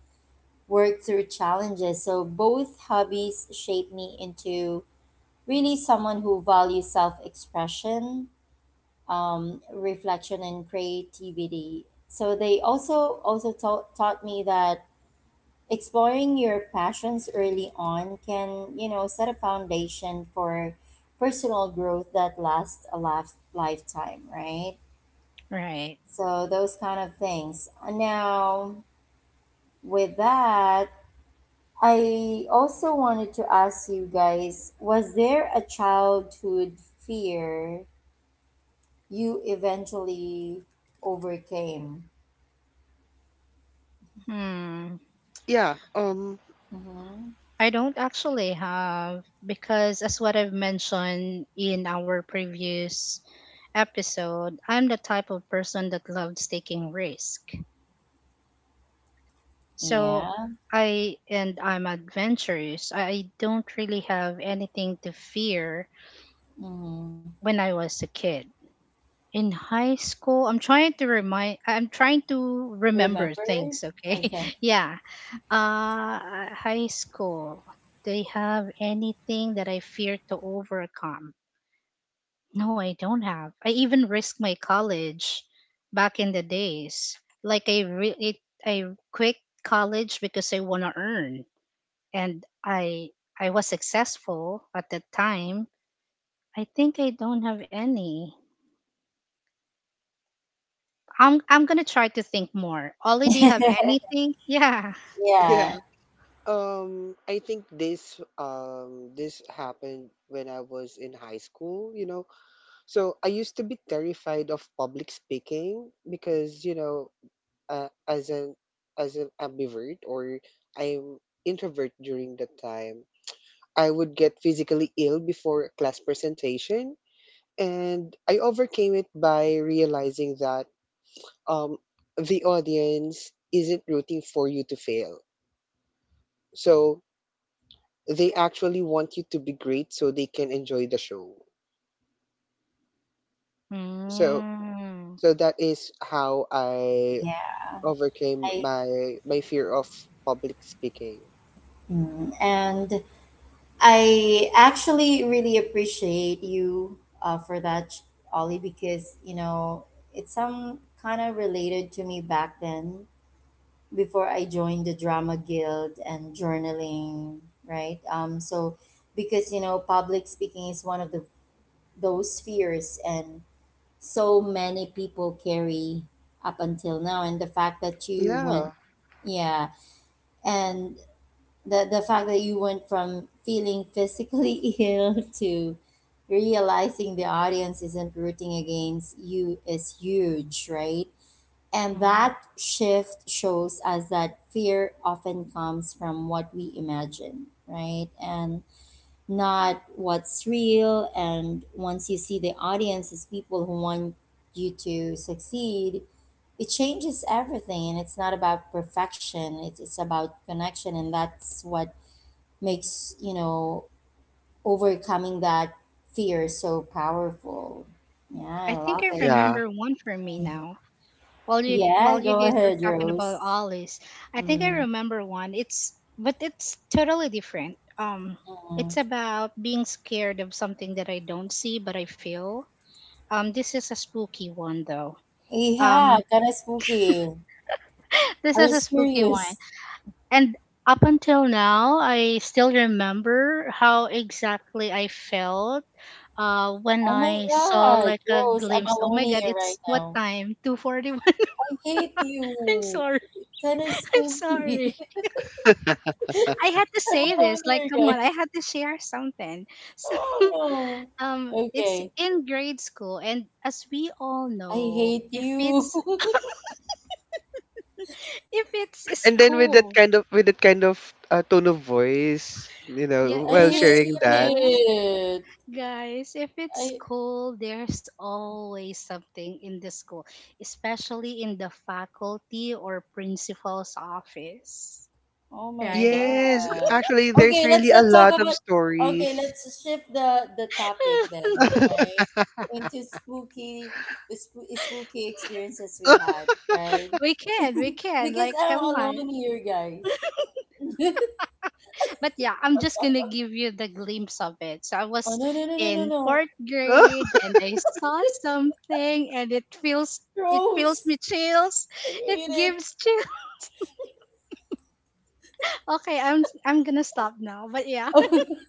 S1: work through challenges. So both hobbies shape me into really someone who values self-expression, um, reflection and creativity. So they also also taught taught me that exploring your passions early on can, you know, set a foundation for personal growth that lasts a life, lifetime, right?
S2: Right.
S1: So those kind of things now. With that, I also wanted to ask you guys, was there a childhood fear you eventually overcame?
S2: Hmm.
S3: Yeah. um
S1: Mm-hmm.
S2: I don't actually have, because as what I've mentioned in our previous episode, I'm the type of person that loves taking risk. So
S1: Yeah.
S2: I and I'm adventurous. I don't really have anything to fear
S1: Mm-hmm.
S2: when I was a kid. In high school, I'm trying to remind I'm trying to remember
S1: Remember.
S2: things, okay?
S1: Okay.
S2: Yeah. Uh High school. Do you have anything that I fear to overcome? No, I don't have. I even risked my college back in the days. Like I re- it, I quit college because I want to earn, and I I was successful at that time. I think I don't have any. I'm I'm gonna try to think more. Ollie, do you have anything? Yeah.
S1: Yeah.
S3: yeah. Um, I think this um this happened when I was in high school, you know. So I used to be terrified of public speaking because, you know, uh, as an as an ambivert, or I'm introvert during that time, I would get physically ill before a class presentation, and I overcame it by realizing that um the audience isn't rooting for you to fail. So they actually want you to be great so they can enjoy the show. So
S2: Mm.
S3: so that is how I
S1: Yeah.
S3: overcame
S1: i
S3: my my fear of public speaking.
S1: Mm, And I actually really appreciate you uh, for that, Ollie, because, you know, it's some kind of related to me back then before I joined the drama guild and journaling, right? Um, so, because, you know, public speaking is one of the those fears and so many people carry up until now. And the fact that you went,
S3: Yeah.
S1: yeah. And the the fact that you went from feeling physically ill to realizing the audience isn't rooting against you is huge, right? And
S2: Mm.
S1: that shift shows us that fear often comes from what we imagine, right? And not what's real. And once you see the audience as people who want you to succeed, it changes everything. And it's not about perfection, it's, it's about connection. And that's what makes, you know, overcoming that fear so powerful.
S2: I
S1: Yeah, I
S2: think I
S1: love it.
S3: Yeah.
S2: remember one for me now. While you
S1: Yeah,
S2: while you
S1: go
S2: guys were
S1: ahead,
S2: talking
S1: Rose.
S2: about Ollie's, I think I
S1: Mm.
S2: remember one. It's but it's totally different. Um,
S1: Mm.
S2: it's about being scared of something that I don't see but I feel. Um, this is a spooky one though.
S1: Yeah,
S2: Um,
S1: kind of spooky.
S2: this
S1: Are you
S2: is a spooky one,
S1: serious?
S2: and up until now, I still remember how exactly I felt. Uh, when
S1: Oh my
S2: I saw
S1: god,
S2: like a
S1: Rose, I'm
S2: glimpse, oh
S1: alone
S2: my God,
S1: here right
S2: it's what
S1: now.
S2: time? two forty-one.
S1: I hate you.
S2: I'm sorry.
S1: Kind of
S2: I'm sorry.
S1: spooky.
S2: I had to
S1: I'm
S2: say
S1: alone
S2: this. Like,
S1: here,
S2: come on, I
S1: guys.
S2: had to share something. So,
S1: Oh,
S2: um,
S1: no.
S2: it's
S1: Okay,
S2: in grade school, and as we all
S1: I
S2: know,
S1: hate
S2: if
S1: you.
S2: it's— if it's
S3: And then with that
S2: school,
S3: kind of with that kind of, uh, tone of voice, you
S2: yeah,
S3: know,
S1: I
S2: if
S3: while
S2: it's
S3: sharing that.
S1: hate
S2: school,
S1: it.
S2: guys, if it's
S1: I.
S2: school, there's always something in the school, especially in the faculty or principal's office,
S1: Oh my
S2: right?
S3: Yes,
S1: god.
S3: actually there's
S1: Okay, let's
S3: really a
S1: not talk
S3: lot of
S1: about. Okay,
S3: stories.
S1: let's shift the the topic then, right? Into spooky, the spooky experiences we had, right?
S2: We can, we can.
S1: Because
S2: Like,
S1: I'm
S2: come on.
S1: alone here, guys.
S2: But yeah, I'm just gonna give you the glimpse of it. So I
S1: Oh
S2: was
S1: no, no, no, no, no,
S2: in
S1: no!
S2: fourth grade and I saw something and it feels it feels me
S1: Gross!
S2: chills.
S1: I
S2: It
S1: hate it.
S2: gives chill. Okay, I'm I'm gonna stop now. But yeah,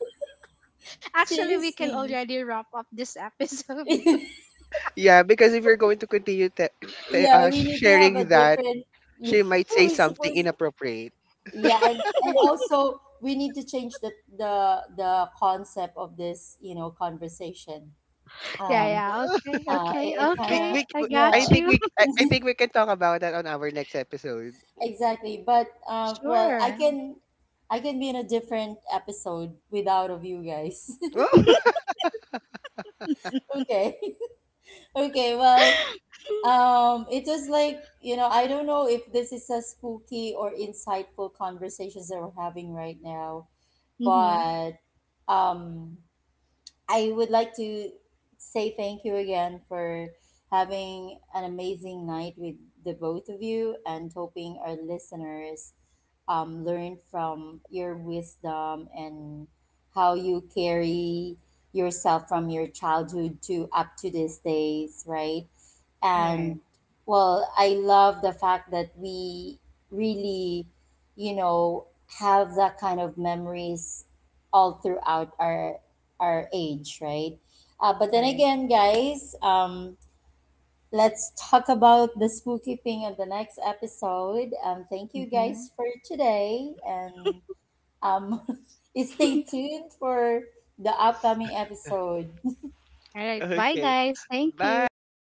S2: actually we can
S1: Seriously.
S2: already wrap up this episode.
S3: Yeah, because if you're going to continue te- te-
S1: Yeah,
S3: uh,
S1: we need to have a
S3: sharing that,
S1: different. Yeah,
S3: she might say
S1: we
S3: something
S1: supposed.
S3: inappropriate.
S1: Yeah, and, and also we need to change the the the concept of this, you know, conversation.
S2: Yeah,
S1: Um,
S2: yeah. Okay,
S1: uh,
S2: okay,
S1: it, it
S3: We,
S1: kind
S2: okay.
S1: of
S3: we,
S2: I
S3: we-
S2: got
S1: yeah,
S3: I think
S2: you.
S3: we, I, I think we can talk about that on our next episode.
S1: exactly. But um, well, I
S2: Sure.
S1: can I can be in a different episode without of you guys. Okay. Okay. Well, um, it was like, you know, I don't know if this is a spooky or insightful conversations that we're having right now,
S2: Mm-hmm.
S1: but um I would like to say thank you again for having an amazing night with the both of you, and hoping our listeners um, learn from your wisdom and how you carry yourself from your childhood to up to these days, right?
S2: Right.
S1: And well, I love the fact that we really, you know, have that kind of memories all throughout our our age, right? Uh, but then
S2: Right.
S1: again, guys, um let's talk about the spooky thing on the next episode. Um thank you
S2: Mm-hmm.
S1: guys for today. And um
S2: All
S1: stay tuned for the upcoming episode.
S2: right. Bye,
S3: Okay.
S2: guys. Thank you.
S3: Bye.